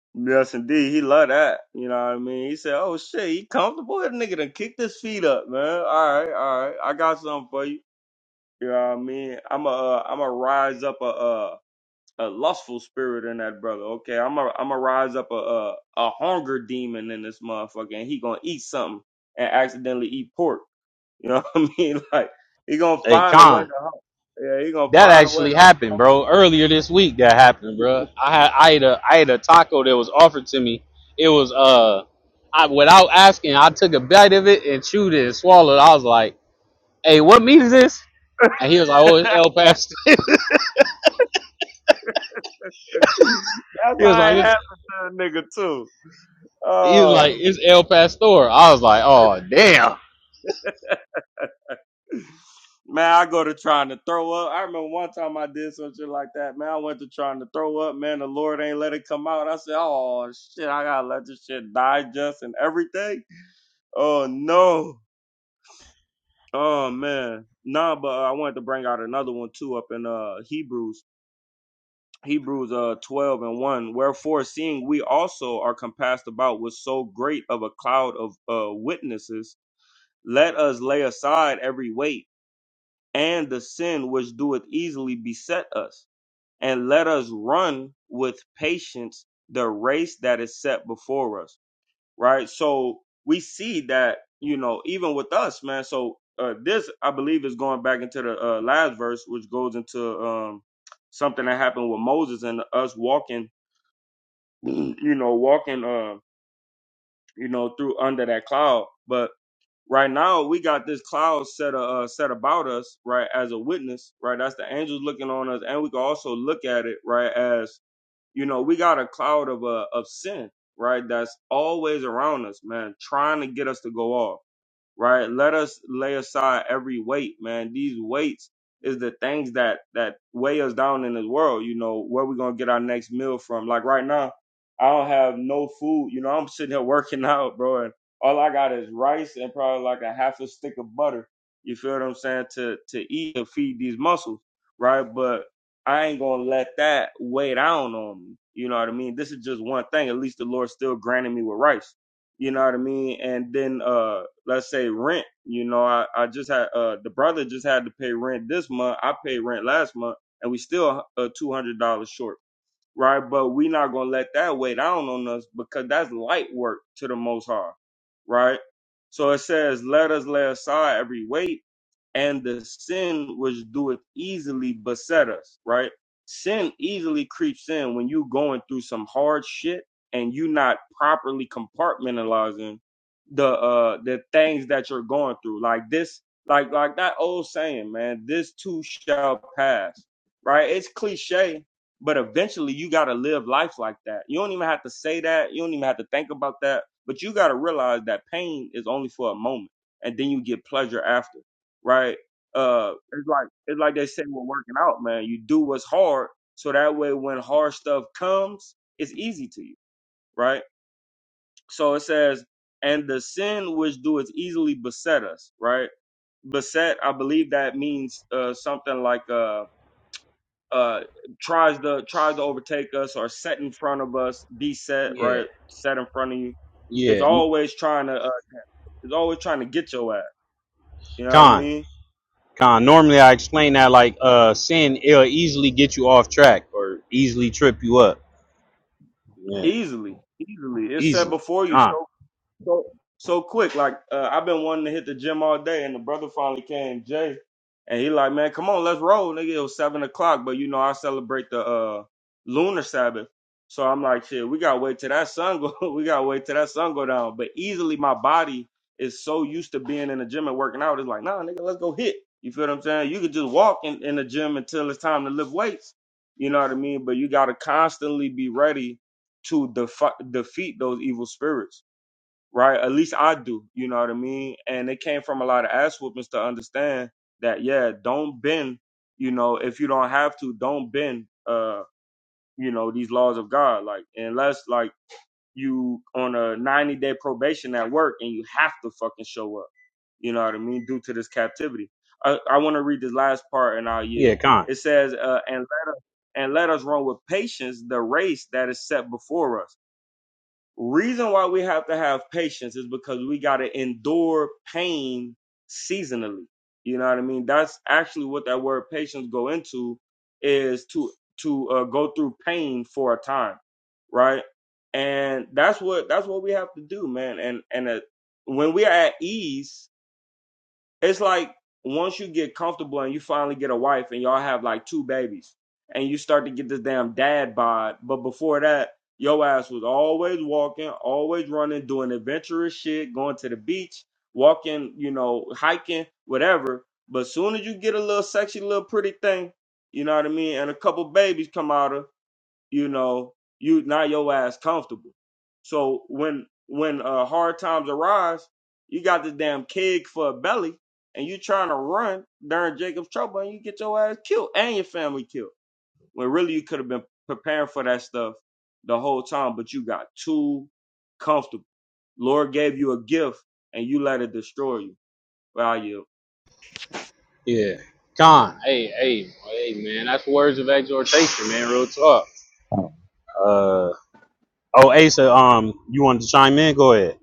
yes, indeed. He love that. You know what I mean? He said, "Oh shit, he comfortable. That nigga done kicked his feet up, man. All right, all right. I got something for you. You know what I mean? I'm a uh, I'm a rise up a uh." A lustful spirit in that brother. Okay, I'm a I'm a rise up a a, a hunger demon in this motherfucker, and he gonna eat something and accidentally eat pork. You know what I mean? Like he gonna
Hey,
find a way to
Con,
humble. Yeah, he gonna
That
find a way
actually
to hum-
happened,
humble
bro. Earlier this week, that happened, bro.
him.
I had I ate a I ate a taco that was offered to me. It was uh, I without asking, I took a bite of it and chewed it and swallowed. I was like, "Hey, what meat is this?" And he was like, "Oh, it's El Pastor."
That's
he was
how
like,
it
it's,
happened to a nigga too.
"He was like,
Oh
it's El Pastor." I was like, "Oh, damn."
man, I go to trying to throw up. I remember one time I did some shit like that. Man, I went to trying to throw up. Man, the Lord ain't let it come out. I said, oh shit, I gotta let this shit digest and everything. Oh no. Oh man. Nah, but uh, I wanted to bring out another one too up in uh Hebrews Hebrews uh, 12 and 1. Wherefore, seeing we also are compassed about with so great of a cloud of uh, witnesses, let us lay aside every weight and the sin which doeth easily beset us, and let us run with patience the race that is set before us. Right? So we see that, you know, even with us, man. So uh, this, I believe, is going back into the uh, last verse, which goes into um, something that happened with Moses and us walking you know, walking, uh, you know, through under that cloud. But right now, we got this cloud set, uh, uh, set about us, right, as a witness, right? That's the angels looking on us, and we can also look at it, right, as you know, we got a cloud of uh, of sin, right, that's always around us, man, trying to get us to go off right? Let us lay aside every weight, man. These weights is the things that that weigh us down in this world. You know where we gonna get our next meal from? Like right now, I don't have no food. You know I'm sitting here working out, bro, and all I got is rice and probably like a half a stick of butter. You feel what I'm saying? To to eat and feed these muscles, right? But I ain't gonna let that weigh down on me. You know what I mean? This is just one thing. At least the Lord still granted me with rice you know what I mean? And then uh let's say rent, you know, I, I just had uh the brother just had to pay rent this month. I paid rent last month and we still uh two hundred dollars short right? But we not gonna let that weigh down on us because that's light work to the Most High, right? So it says, "Let us lay aside every weight and the sin which doeth easily beset us," right? Sin easily creeps in when you going through some hard shit and you not properly compartmentalizing the uh the things that you're going through. Like this, like like that old saying, man, this too shall pass. Right? It's cliche, but eventually you got to live life like that. You don't even have to say that. You don't even have to think about that. But you got to realize that pain is only for a moment and then you get pleasure after, right? Uh, it's like, it's like they say we're working out, man. You do what's hard. So that way when hard stuff comes, it's easy to you, right? So it says, and the sin which doeth easily beset us, right? Beset, I believe that means uh, something like, uh, uh tries to tries to overtake us or set in front of us, be set
Yeah,
right, set in front of you. It's
yeah.
always trying to uh, it's always trying to get your ass. You know what I
Con,
mean?
con. Normally, I explain that like uh, sin it'll easily get you off track or easily trip you up. Yeah,
Easily, easily. It's set
easily.
before you
Con.
so so, so quick. Like uh, I've been wanting to hit the gym all day, and the brother finally came, Jay, and he like, man, come on, let's roll, nigga. It was seven o'clock, but you know I celebrate the uh, lunar Sabbath, so I'm like, shit, we gotta wait till that sun go, we gotta wait till that sun go down. But easily, my body is so used to being in the gym and working out, it's like, nah, nigga, let's go hit. You feel what I'm saying? You could just walk in, in the gym until it's time to lift weights. You know what I mean? But you gotta constantly be ready to defi- defeat those evil spirits right? At least I do, you know what I mean? And it came from a lot of ass whoopings to understand that, yeah, don't bend, you know, if you don't have to, don't bend, uh, you know, these laws of God. Like, unless, like, you on a 90 day probation at work and you have to fucking show up, you know what I mean? Due to this captivity. I, I want to read this last part and I'll yield.
Yeah, con.
It says, uh, and, and let us run with patience the race that is set before us Reason why we have to have patience is because we got to endure pain seasonally. You know what I mean? That's actually what that word patience go into is to to uh, go through pain for a time, right? And that's what that's what we have to do, man. And and uh, when we are at ease, it's like once you get comfortable and you finally get a wife and y'all have like two babies and you start to get this damn dad bod. But before that, your ass was always walking, always running, doing adventurous shit, going to the beach, walking, you know, hiking, whatever. But soon as you get a little sexy, little pretty thing, you know what I mean, and a couple babies come out of you know, you not your ass comfortable. So when when uh, hard times arise, you got the damn keg for a belly, and you trying to run during Jacob's trouble, and you get your ass killed and your family killed. When really you could have been preparing for that stuff the whole time, but you got too comfortable. Lord gave you a gift, and you let it destroy you. Well, you
Yeah. Con. Hey, hey, hey, man. That's words of exhortation, man. Real talk. Uh. Oh, Asa. Um, you wanted to chime in? Go ahead.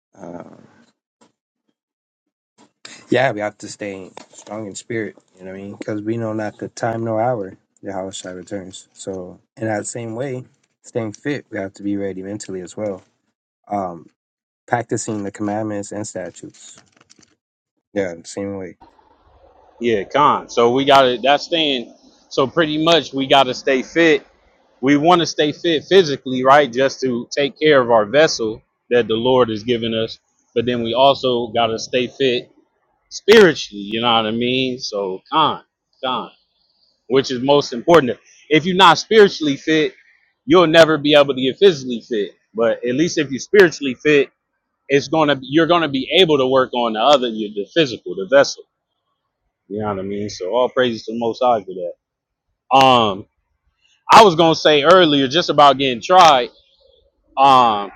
Um, yeah, we have to stay strong in spirit, you know what I mean? Because we know not the time nor hour the house shall returns. So, in that same way, staying fit, we have to be ready mentally as well. Um, practicing the commandments and statutes. Yeah, the same way.
Yeah, Con. So we got to That's staying. So pretty much, we got to stay fit. We want to stay fit physically, right? Just to take care of our vessel that the Lord has given us. But then we also got to stay fit spiritually. You know what I mean? So, Con. Con. which is most important. If you're not spiritually fit, you'll never be able to get physically fit. But at least if you're spiritually fit, it's gonna you're gonna be able to work on the other the physical, the vessel. You know what I mean? So all praises to the most high for that. Um I was gonna say earlier just about getting tried. Um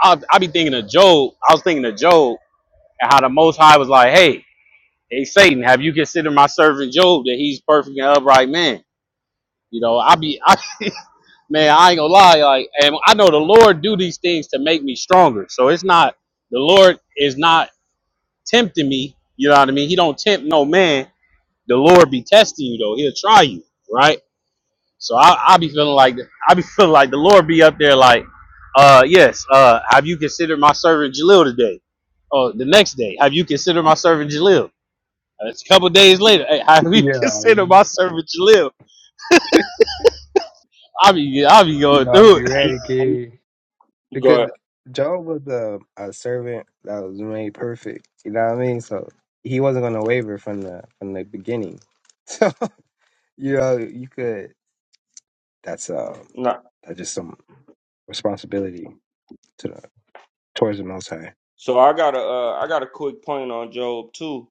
I I be thinking of Job. I was thinking of Job and how the most high was like, Hey, hey Satan, have you considered my servant Job that he's perfect and upright man? You know, I be I man, I ain't gonna lie, like, and I know the Lord do these things to make me stronger. So it's not the Lord is not tempting me. You know what I mean? He don't tempt no man. The Lord be testing you though. He'll try you, right? So I I be feeling like I be feeling like the Lord be up there like, uh, yes, uh, have you considered my servant Jalil today? Oh, the next day, have you considered my servant Jalil? It's a couple days later. Hey, have you
Yeah,
considered
you,
my servant Jalil? I be I be going
you ought to
through
be
it.
And you-
ready, kid.
Go ahead.
Because Job was a, a servant that was made perfect. You know what I mean? So he wasn't gonna waver from the from the beginning. So you know, you could that's uh
Nah,
that's just some responsibility to the towards the most high.
So I got a uh, I got a quick point on Job too.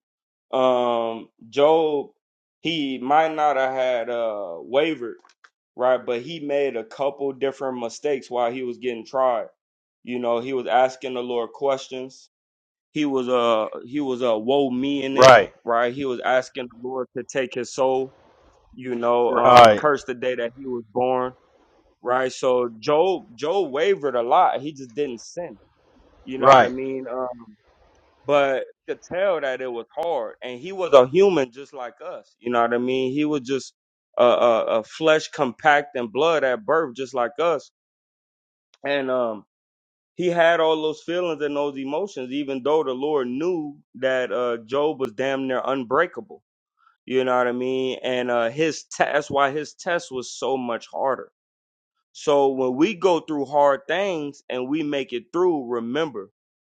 Um, Job he might not have had uh wavered right, but he made a couple different mistakes while he was getting tried. You know, he was asking the Lord questions. He was uh he was uh woe me in it
Right,
right. He was asking the Lord to take his soul. You know, um,
right,
curse the day that he was born right. So Job Job wavered a lot. He just didn't sin. You know what
right.
I mean? but you could tell that it was hard. And he was a human just like us. You know what I mean? He was just a, a, a flesh compact and blood at birth, just like us. And um, he had all those feelings and those emotions, even though the Lord knew that uh, Job was damn near unbreakable. You know what I mean? And uh, his te- that's why his test was so much harder so when we go through hard things and we make it through, remember,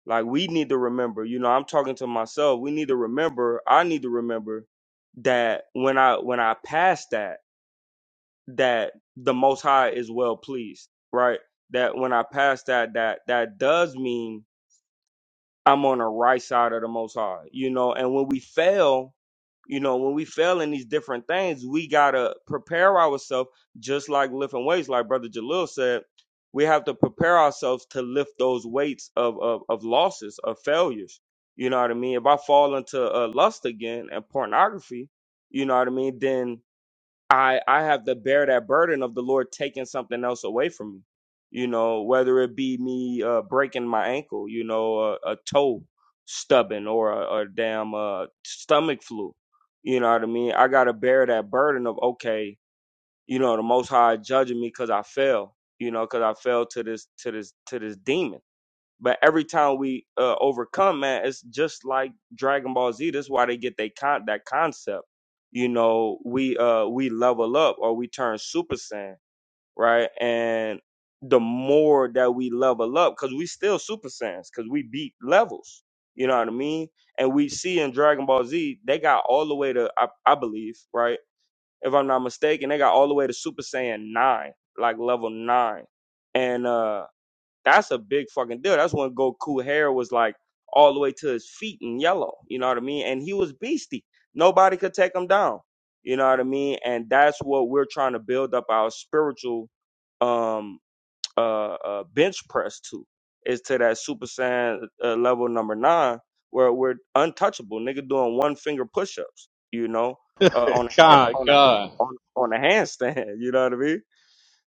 like we need to remember, you know, I'm talking to myself. We need to remember, I need to remember that when I when I pass that, that the most high is well pleased, right? That when I pass that, that that does mean I'm on the right side of the most high, you know, and when we fail, you know, when we fail in these different things, we gotta prepare ourselves just like lifting weights, like Brother Jalil said, we have to prepare ourselves to lift those weights of of, of losses, of failures. You know what I mean? If I fall into uh, lust again and pornography, you know what I mean, then I I have to bear that burden of the Lord taking something else away from me. You know, whether it be me uh, breaking my ankle, you know, a, a toe stubbing or a, a damn uh, stomach flu. You know what I mean? I gotta bear that burden of okay, you know, the Most High judging me because I fell. You know, because I fell to this to this to this demon but every time we uh, overcome, man, it's just like Dragon Ball Z. That's why they get they con- that concept. You know, we uh we level up or we turn Super Saiyan, right? And the more that we level up, because we still Super Saiyans, because we beat levels. You know what I mean? And we see in Dragon Ball Z, they got all the way to I, I believe, right? If I'm not mistaken, they got all the way to Super Saiyan nine, like level nine. And uh that's a big fucking deal. That's when Goku hair was like all the way to his feet in yellow. You know what I mean? And he was beastie. Nobody could take him down. You know what I mean? And that's what we're trying to build up our spiritual um uh, uh bench press to is to that Super Saiyan uh, level number nine where we're untouchable. Nigga doing one finger push ups. You know, uh, on a hand
Con,
on a
con.
on on a handstand. You know what I mean?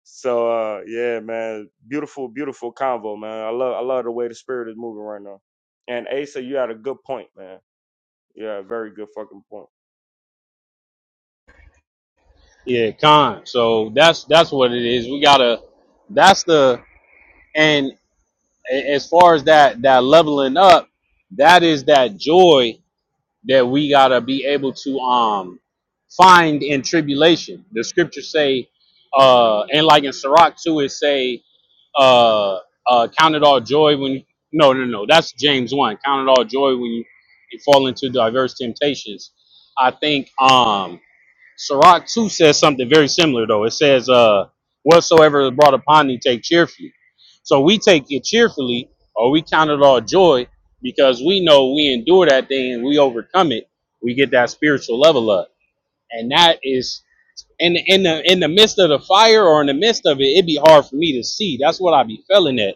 So uh yeah, man, beautiful, beautiful convo, man. I love I love the way the spirit is moving right now. And Asa, you had a good point, man. Yeah, very good fucking point.
Yeah, con. So that's that's what it is. We gotta that's the and a- as far as that that leveling up, that is that joy that we gotta be able to um find in tribulation. The scriptures say uh and like in Sirach too it say uh uh count it all joy when you no no no that's James one. Count it all joy when you, you fall into diverse temptations. I think um Sirach 2 says something very similar, though. It says, uh, Whatsoever is brought upon thee, take cheerfully. So we take it cheerfully, or we count it all joy, because we know we endure that thing, and we overcome it, we get that spiritual level up. And that is in in the in the midst of the fire or in the midst of it, it'd be hard for me to see. That's what I be feeling at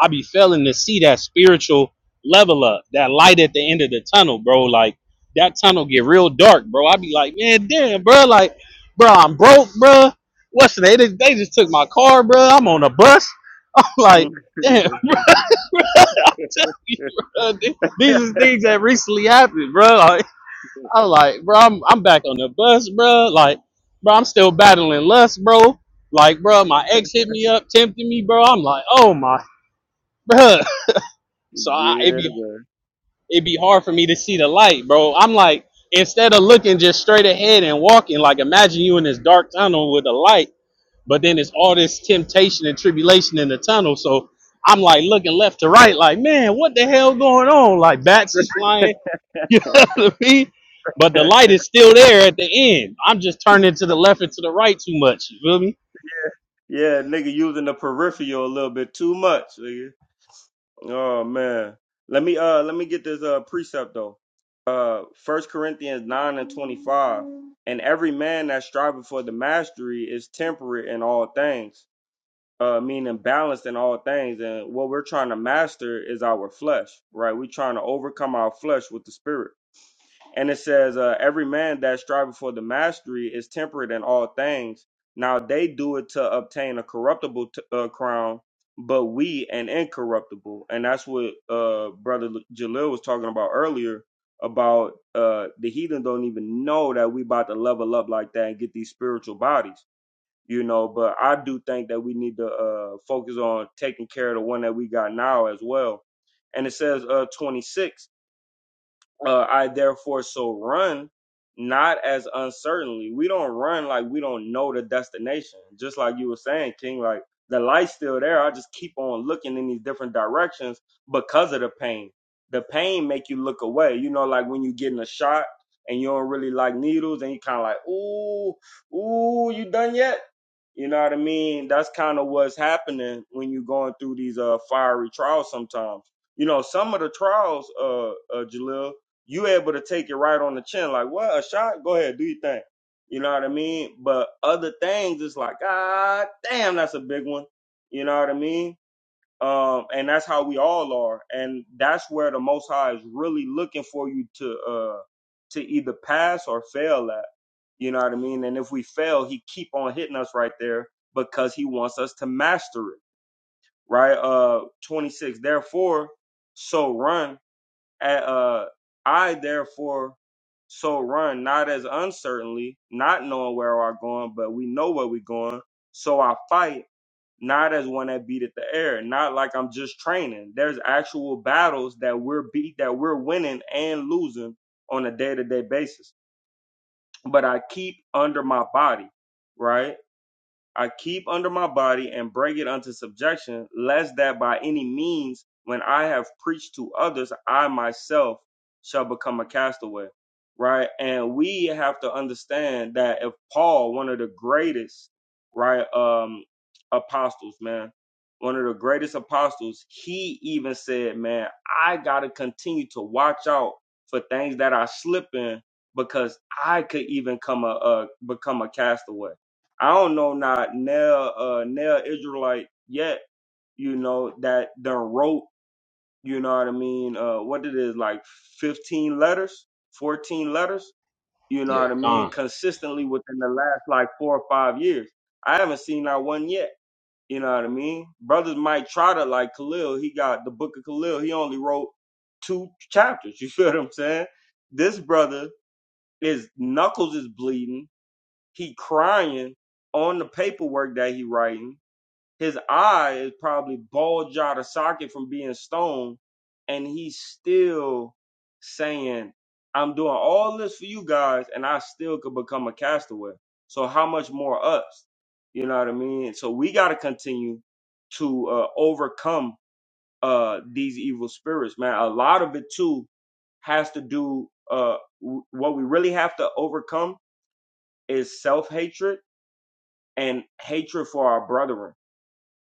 I be failing to see that spiritual level up, that light at the end of the tunnel, bro. Like that tunnel get real dark, bro. I be like, man, damn, bro. Like, bro, I'm broke, bro. What's the they just, they just took my car, bro. I'm on a bus.
Mm.
like, damn, these are things that recently happened, bro. Like, I'm like, bro, I'm I'm back on the bus, bro. Like, bro, I'm still battling lust, bro. Like, bro, my ex hit me up, tempted me, bro. I'm like, oh my, bro. So I, it
yeah,
be
man.
it'd be hard for me to see the light, bro. I'm like, instead of looking just straight ahead and walking, like imagine you in this dark tunnel with a light, but then it's all this temptation and tribulation in the tunnel. So I'm like looking left to right, like, man, what the hell going on? Like bats is flying, you know what I mean? But the light is still there at the end. I'm just turning to the left and to the right too much. You feel me?
yeah, nigga using the peripheral a little bit too much, nigga. Oh man. Let me uh let me get this uh precept though. Uh first Corinthians nine and twenty five. And every man that striveth for the mastery is temperate in all things. uh, meaning balanced in all things. And what we're trying to master is our flesh, right? We're trying to overcome our flesh with the spirit. And it says, uh, every man that striveth for the mastery is temperate in all things. Now they do it to obtain a corruptible t- uh, crown, but we an incorruptible. And that's what uh, Brother Jalil was talking about earlier about uh, the heathen don't even know that we about to level up like that and get these spiritual bodies you know. But I do think that we need to uh, focus on taking care of the one that we got now as well. And it says uh, 26. Uh, I therefore so run not as uncertainly. We don't run like we don't know the destination. Just like you were saying, King, like the light's still there. I just keep on looking in these different directions because of the pain. The pain make you look away. You know, like when you getting a shot and you don't really like needles and you kind of like, ooh, ooh, you done yet? You know what I mean? That's kind of what's happening when you're going through these uh fiery trials sometimes. You know, some of the trials, uh, uh Jalil, you able to take it right on the chin, like what a shot. Go ahead, do your thing. You know what I mean. But other things, it's like ah, damn, that's a big one. You know what I mean. Um, and that's how we all are, and that's where the Most High is really looking for you to uh to either pass or fail at. You know what I mean. And if we fail, he keep on hitting us right there because he wants us to master it. Right. Uh, twenty six. Therefore, so run uh, I therefore so run, not as uncertainly, not knowing where we're going, but we know where we're going. So I fight, not as one that beat at the air, not like I'm just training. There's actual battles that we're beat, that we're winning and losing on a day to day basis. But I keep under my body, right? I keep under my body and bring it unto subjection, lest that by any means, when I have preached to others, I myself shall become a castaway. Right. And we have to understand that if Paul, one of the greatest, right, um, apostles, man, one of the greatest apostles, he even said, man, I got to continue to watch out for things that I slip in because I could even come a, a become a castaway I don't know not nail uh nail Israelite yet, you know, that done wrote, you know what I mean, uh what it is, like fifteen letters, fourteen letters, you know
Yeah,
what I mean,
Con.
consistently within the last like four or five years. I haven't seen that one yet, you know what I mean? Brothers might try to like Khalil, he got the book of Khalil, he only wrote two chapters, you feel what I'm saying? This brother his knuckles is bleeding, he crying on the paperwork that he writing his eye is probably bulged out of socket from being stoned, and he's still saying, I'm doing all this for you guys, and I still could become a castaway. So how much more us? You know what I mean? So we gotta continue to uh, overcome uh, these evil spirits, man. A lot of it too has to do uh w- what we really have to overcome is self-hatred and hatred for our brethren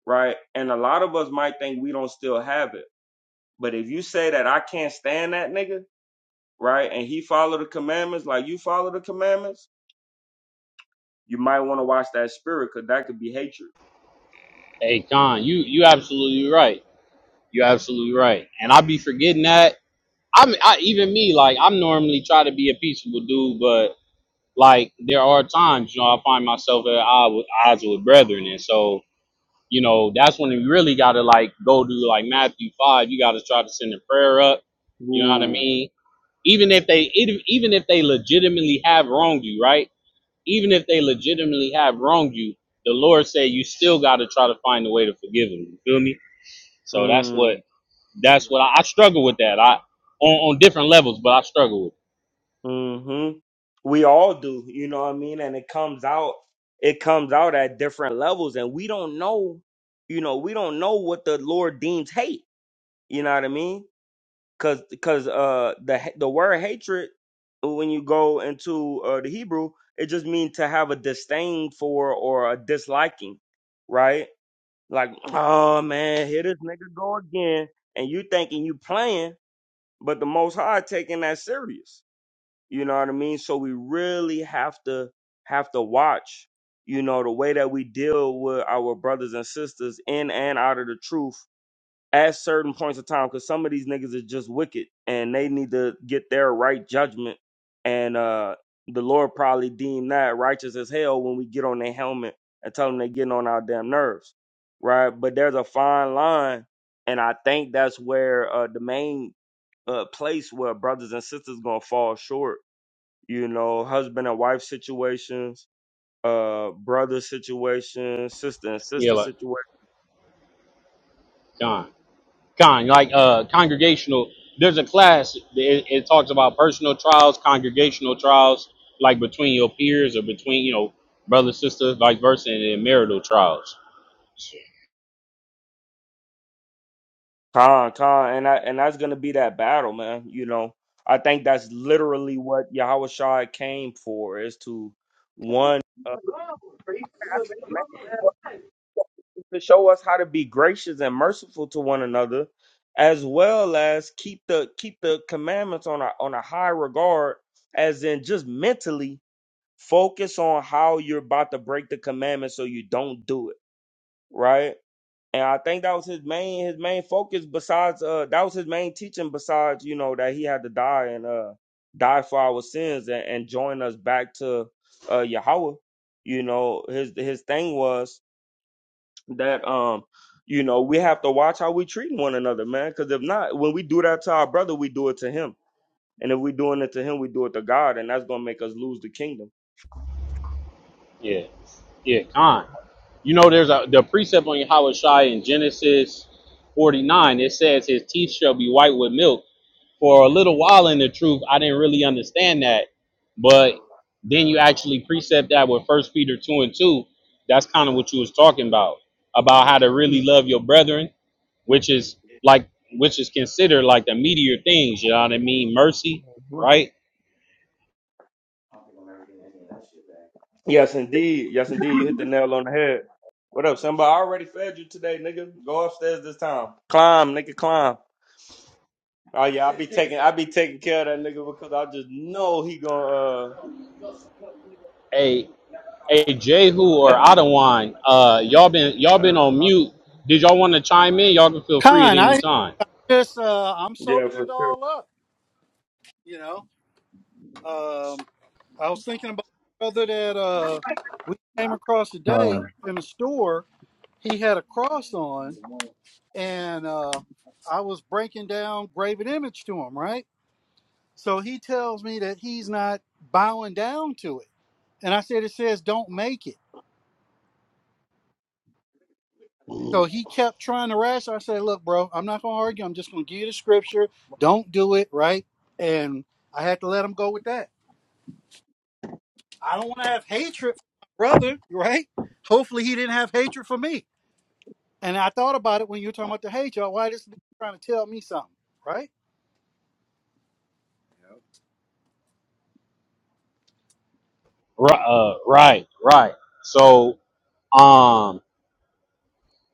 right? And a lot of us might think we don't still have it. But if you say that I can't stand that nigga, right? And he follow the commandments like you follow the commandments, you might want to watch that spirit because that could be hatred.
Hey, Con, you you absolutely right. You absolutely right. And I be forgetting that I'm I, even me. Like I'm normally try to be a peaceable dude, but like there are times you know I find myself at odds with, odds with brethren, and so you know that's when you really got to like go to like Matthew five. You got to try to send a prayer up. You know what I
Ooh.
mean? Even if they even even if they legitimately have wronged you, right? Even if they legitimately have wronged you, the Lord said you still got to try to find a way to forgive them. You feel me? So that's what
Mm.
that's what I, I struggle with that. I on, on different levels, but I struggle with. it.
Mm-hmm. We all do, you know what I mean? And it comes out, it comes out at different levels, and we don't know, you know, we don't know what the Lord deems hate. You know what I mean? cause cause uh the the word hatred when you go into uh, the Hebrew it just means to have a disdain for or a disliking, right? Like oh man, here this nigga go again, and you thinking you playing, but the Most High taking that serious. You know what I mean? So we really have to have to watch, you know, the way that we deal with our brothers and sisters in and out of the truth at certain points of time because some of these niggas is just wicked and they need to get their right judgment and uh the lord probably deem that righteous as hell when we get on their helmet and tell them they getting on our damn nerves right but there's a fine line and i think that's where uh the main uh place where brothers and sisters gonna fall short you know husband and wife situations uh brother situations sister and
Yeah,
sister
like
situations
Con, Con, like uh, congregational. There's a class. It, it talks about personal trials, congregational trials, like between your peers or between you know brother, sister, vice versa, and then marital trials.
Con, con, and I, and that's gonna be that battle, man. You know, I think that's literally what Yahushua came for is to one uh, to show us how to be gracious and merciful to one another, as well as keep the keep the commandments on a on a high regard, as in just mentally focus on how you're about to break the commandment so you don't do it, right? and I think that was his main his main focus. Besides, uh, that was his main teaching. Besides, you know that he had to die and uh die for our sins and, and join us back to uh Yahweh. You know his his thing was that um you know we have to watch how we treat one another, man. Because if not, when we do that to our brother, we do it to him. And if we're doing it to him, we do it to God, and that's gonna make us lose the kingdom.
Yeah, yeah, Con. You know, there's a the precept on Yahweh Shai in Genesis 49. It says his teeth shall be white with milk, for a little while in the truth i didn't really understand that but then you actually precept that with first peter 2 and 2 that's kind of what you was talking about about how to really love your brethren which is like which is considered like the meteor things you know what i mean mercy right
Yes, indeed. Yes, indeed. You hit the nail on the head. What up, Simba? I already fed you today, nigga. Go upstairs this time. Climb, nigga, climb. Oh yeah, I be taking, I be taking care of that nigga because I just know he gonna.
a a jehu
Uh,
or Adawan, uh y'all been y'all been on mute did y'all want to chime in y'all can feel free at
Con,
any
I
time
just, uh, I'm
yeah,
soaking
for
it all up, you know. Um, I was thinking about a brother that uh, we came across
Uh,
today
sure.
in the store. He had a cross on, and uh, I was breaking down graven image to him, right? So he tells me that he's not bowing down to it. And I said, it says, don't make it. So he kept trying to ration. I said, "Look, bro, I'm not gonna argue. I'm just gonna give you the scripture. Don't do it, right?" And I had to let him go with that. I don't want to have hatred for my brother, right? Hopefully, he didn't have hatred for me. And I thought about it when you were talking about the hate, y'all. Why this nigga trying to tell me something, right?
right uh, right right so um.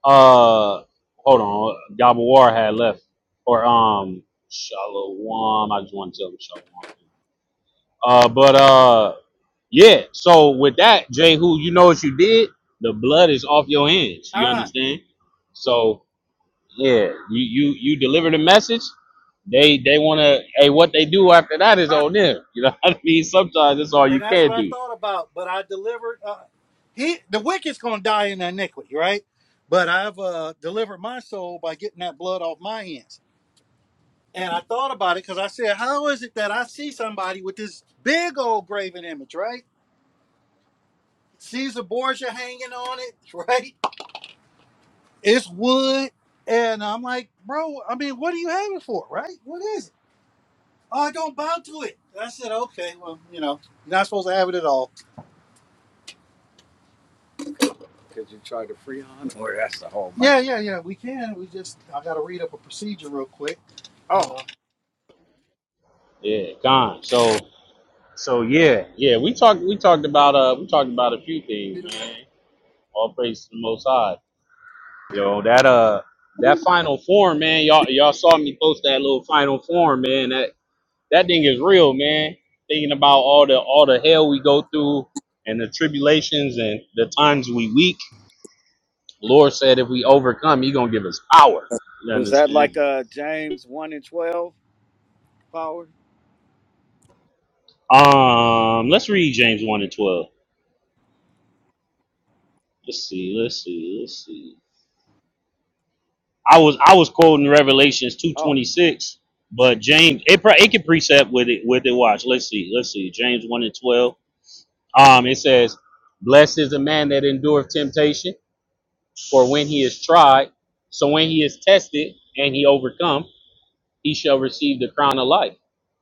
Uh, hold on. Yabawar had left, or um, Shalom. I just want to tell him Shalom. Uh, but uh, yeah. So with that, Jehu, you know what you did. The blood is off your hands. You
Ah,
understand? So yeah, you you you deliver the message. They they want to. Hey, what they do after that is on them. You know what I mean? Sometimes that's all
and
you
that's
can
what I
do.
thought about. But I delivered. Uh, he, the wicked's gonna die in iniquity, right? But I've uh, delivered my soul by getting that blood off my hands. And I thought about it because I said, how is it that I see somebody with this big old graven image, right? Caesar Borgia hanging on it, right? It's wood. And I'm like, bro, I mean, what do you have it for, right? What is it? Oh, I don't bow to it. And I said, okay, well, you know, you're not supposed to have it at all. Could you try to freon on? Or that's the whole Yeah, yeah, yeah, we can. We just, I got to read up a procedure real quick. Oh,
Yeah, gone. So so yeah, yeah. We talked we talked about uh we talked about a few
Uh,
things, man. All praise to the Most High. Yo, that uh, that final form, man. Y'all, y'all saw me post that little final form, man. That that thing is real, man. Thinking about all the all the hell we go through and the tribulations and the times we weak. Lord said if we overcome, He gonna give us power. You
is that
understand?
like uh James one and twelve power?
Um, let's read James one and twelve. Let's see, let's see, let's see. I was I was quoting Revelations two
Oh,
twenty six, but James it pro- it can precept with it with it. Watch, let's see, let's see. James one and twelve. Um, it says, "Blessed is the man that endureth temptation, for when he is tried, so when he is tested and he overcome, he shall receive the crown of life,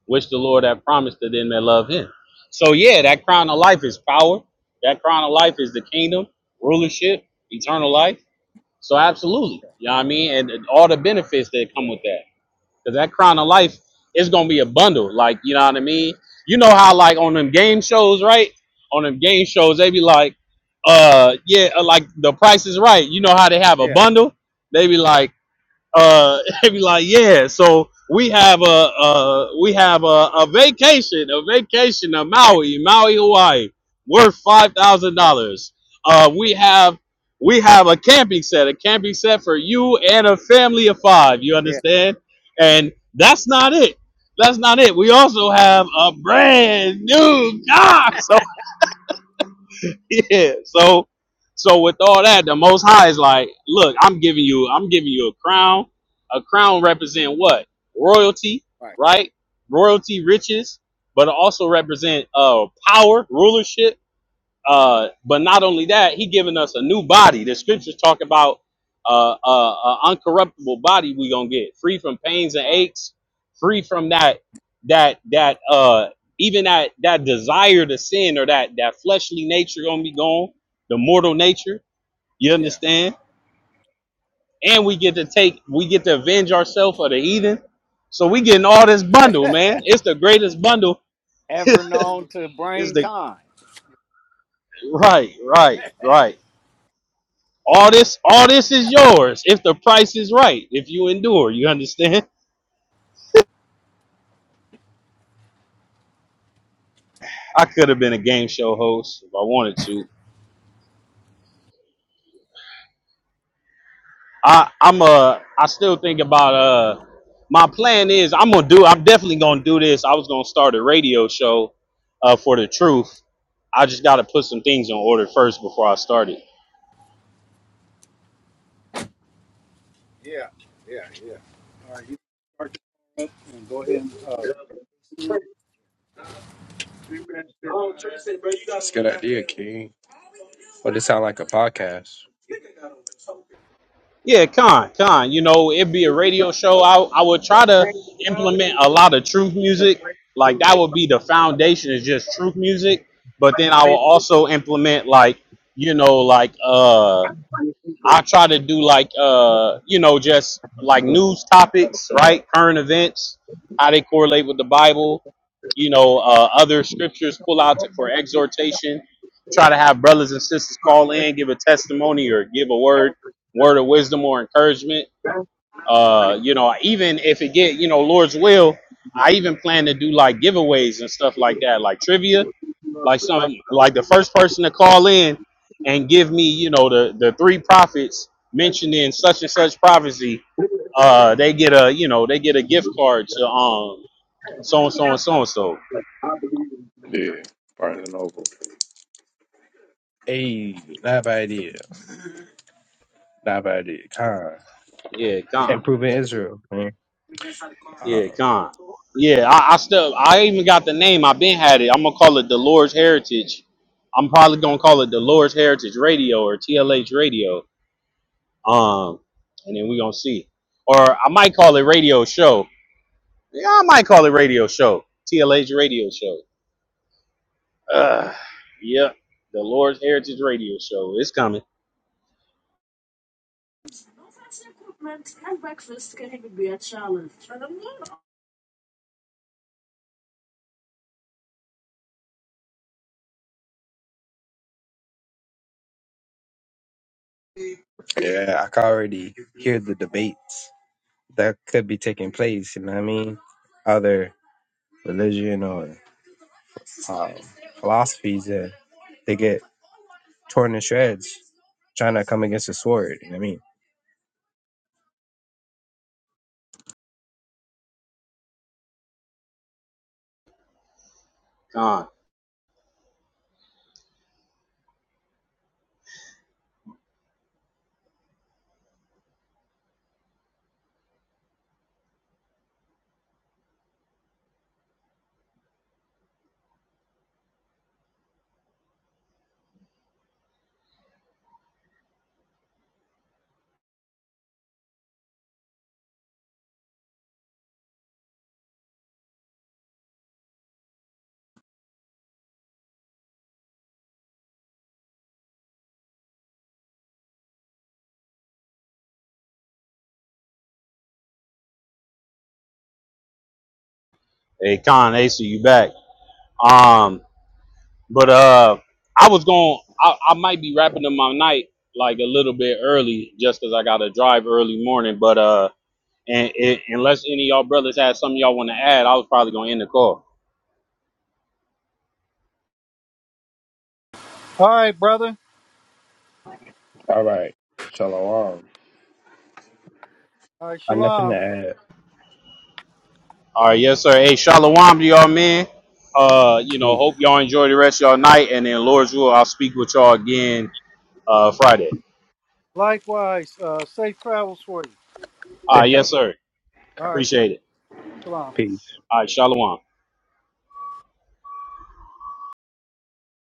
which the Lord hath promised to them that love him." So yeah, that crown of life is power. That crown of life is the kingdom, rulership, eternal life. So absolutely,
yeah,
you know what I mean, and, and all the benefits that come
yeah,
with that, because that crown of life is gonna be a bundle. Like you know what I mean. You know how like on them game shows, right? On them game shows, they be like, uh, yeah, uh, like the Price is Right. You know how they have a
yeah,
bundle? They be like uh they be like yeah so we have a uh we have a, a vacation a vacation to maui maui hawaii worth five thousand
right,
dollars uh we have we have a camping set a camping set for you and a family of five you
yeah,
understand and that's not it that's not it we also have a brand new car So yeah. So so with all that, the most high is like, look, I'm giving you I'm giving you a crown. A crown represent what? Royalty,
right.
right? Royalty, riches, but it also represent uh power, rulership uh, but not only that, he giving us a new body. The scriptures talk about uh, uh, uh, uncorruptible body we gonna get, free from pains and
Wow.
aches, free from that that that uh, even that that desire to sin or that that fleshly nature gonna be gone, the mortal nature. You
Yeah.
understand? And we get to take, we get to avenge ourselves of the heathen. So we getting all this bundle, man. It's the greatest bundle.
ever known to
It's
bring
the
kind.
right, right, right. All this, all this is yours if the price is right. If you endure, you understand. I could have been a game show host if I wanted to. I, I'm ai still think about uh, my plan is I'm gonna do. I'm definitely gonna do this. I was gonna start a radio show, uh, for the truth. I just got to put some things in order first before I start it.
Yeah. Yeah. right, Go ahead. And, uh,
That's a good idea, King. Well, this sound like a podcast.
Yeah, con, con. You know, it'd be a radio show. I I would try to implement a lot of truth music. Like that would be the foundation is just truth music. But then I will also implement like, you know, like uh I try to do like uh you know just like news topics, right? Current events, how they correlate with the Bible, you know, uh, other scriptures pull out to, for exhortation. Try to have brothers and sisters call in, give a testimony or give a word, word of wisdom or encouragement. Uh, you know, even if it get, you know, Lord's will, I even plan to do like giveaways and stuff like that, like trivia like some like the first person to call in and give me, you know, the the three prophets mentioned in such and such prophecy, uh, they get a you know, they get a gift card to um so and so and so and so.
Hey, not bad idea. Not bad idea. Con.
Yeah, con.
Improving Israel, man. Um,
Yeah, con. Yeah, I, I still I even got the name. I've been had it. I'm gonna call it the Lord's Heritage. I'm probably gonna call it the Lord's Heritage Radio or TLH Radio. Um, and then we gonna see. Or I might call it Radio Show. Yeah, I might call it radio show. TLH radio show. Uh, yep. The Lord's Heritage Radio Show. It's coming.
yeah, I can already hear the debates that could be taking place, you know what I mean? Other religion or um, philosophies that they get torn to shreds trying to come against the sword, you know what I mean?
Con. Hey, Con, Ace, you back. Um, but uh I was going I, I might be wrapping up my night like a little bit early just 'cause I gotta drive early morning. But uh and, and unless any of y'all brothers had something y'all wanna add, I was probably gonna end the call.
All right, brother.
All right. Shalom.
All right,
I have nothing to
shalom.
add.
All right, yes, sir. Hey, Shalom to y'all man. Uh, you know, hope y'all enjoy the rest of y'all night and then Lord's will I'll speak with y'all again uh, Friday.
Likewise, uh, safe travels for you.
All
Say
right,
shalom.
yes, sir.
All right,
Appreciate it.
shalom.
All right, Shalom.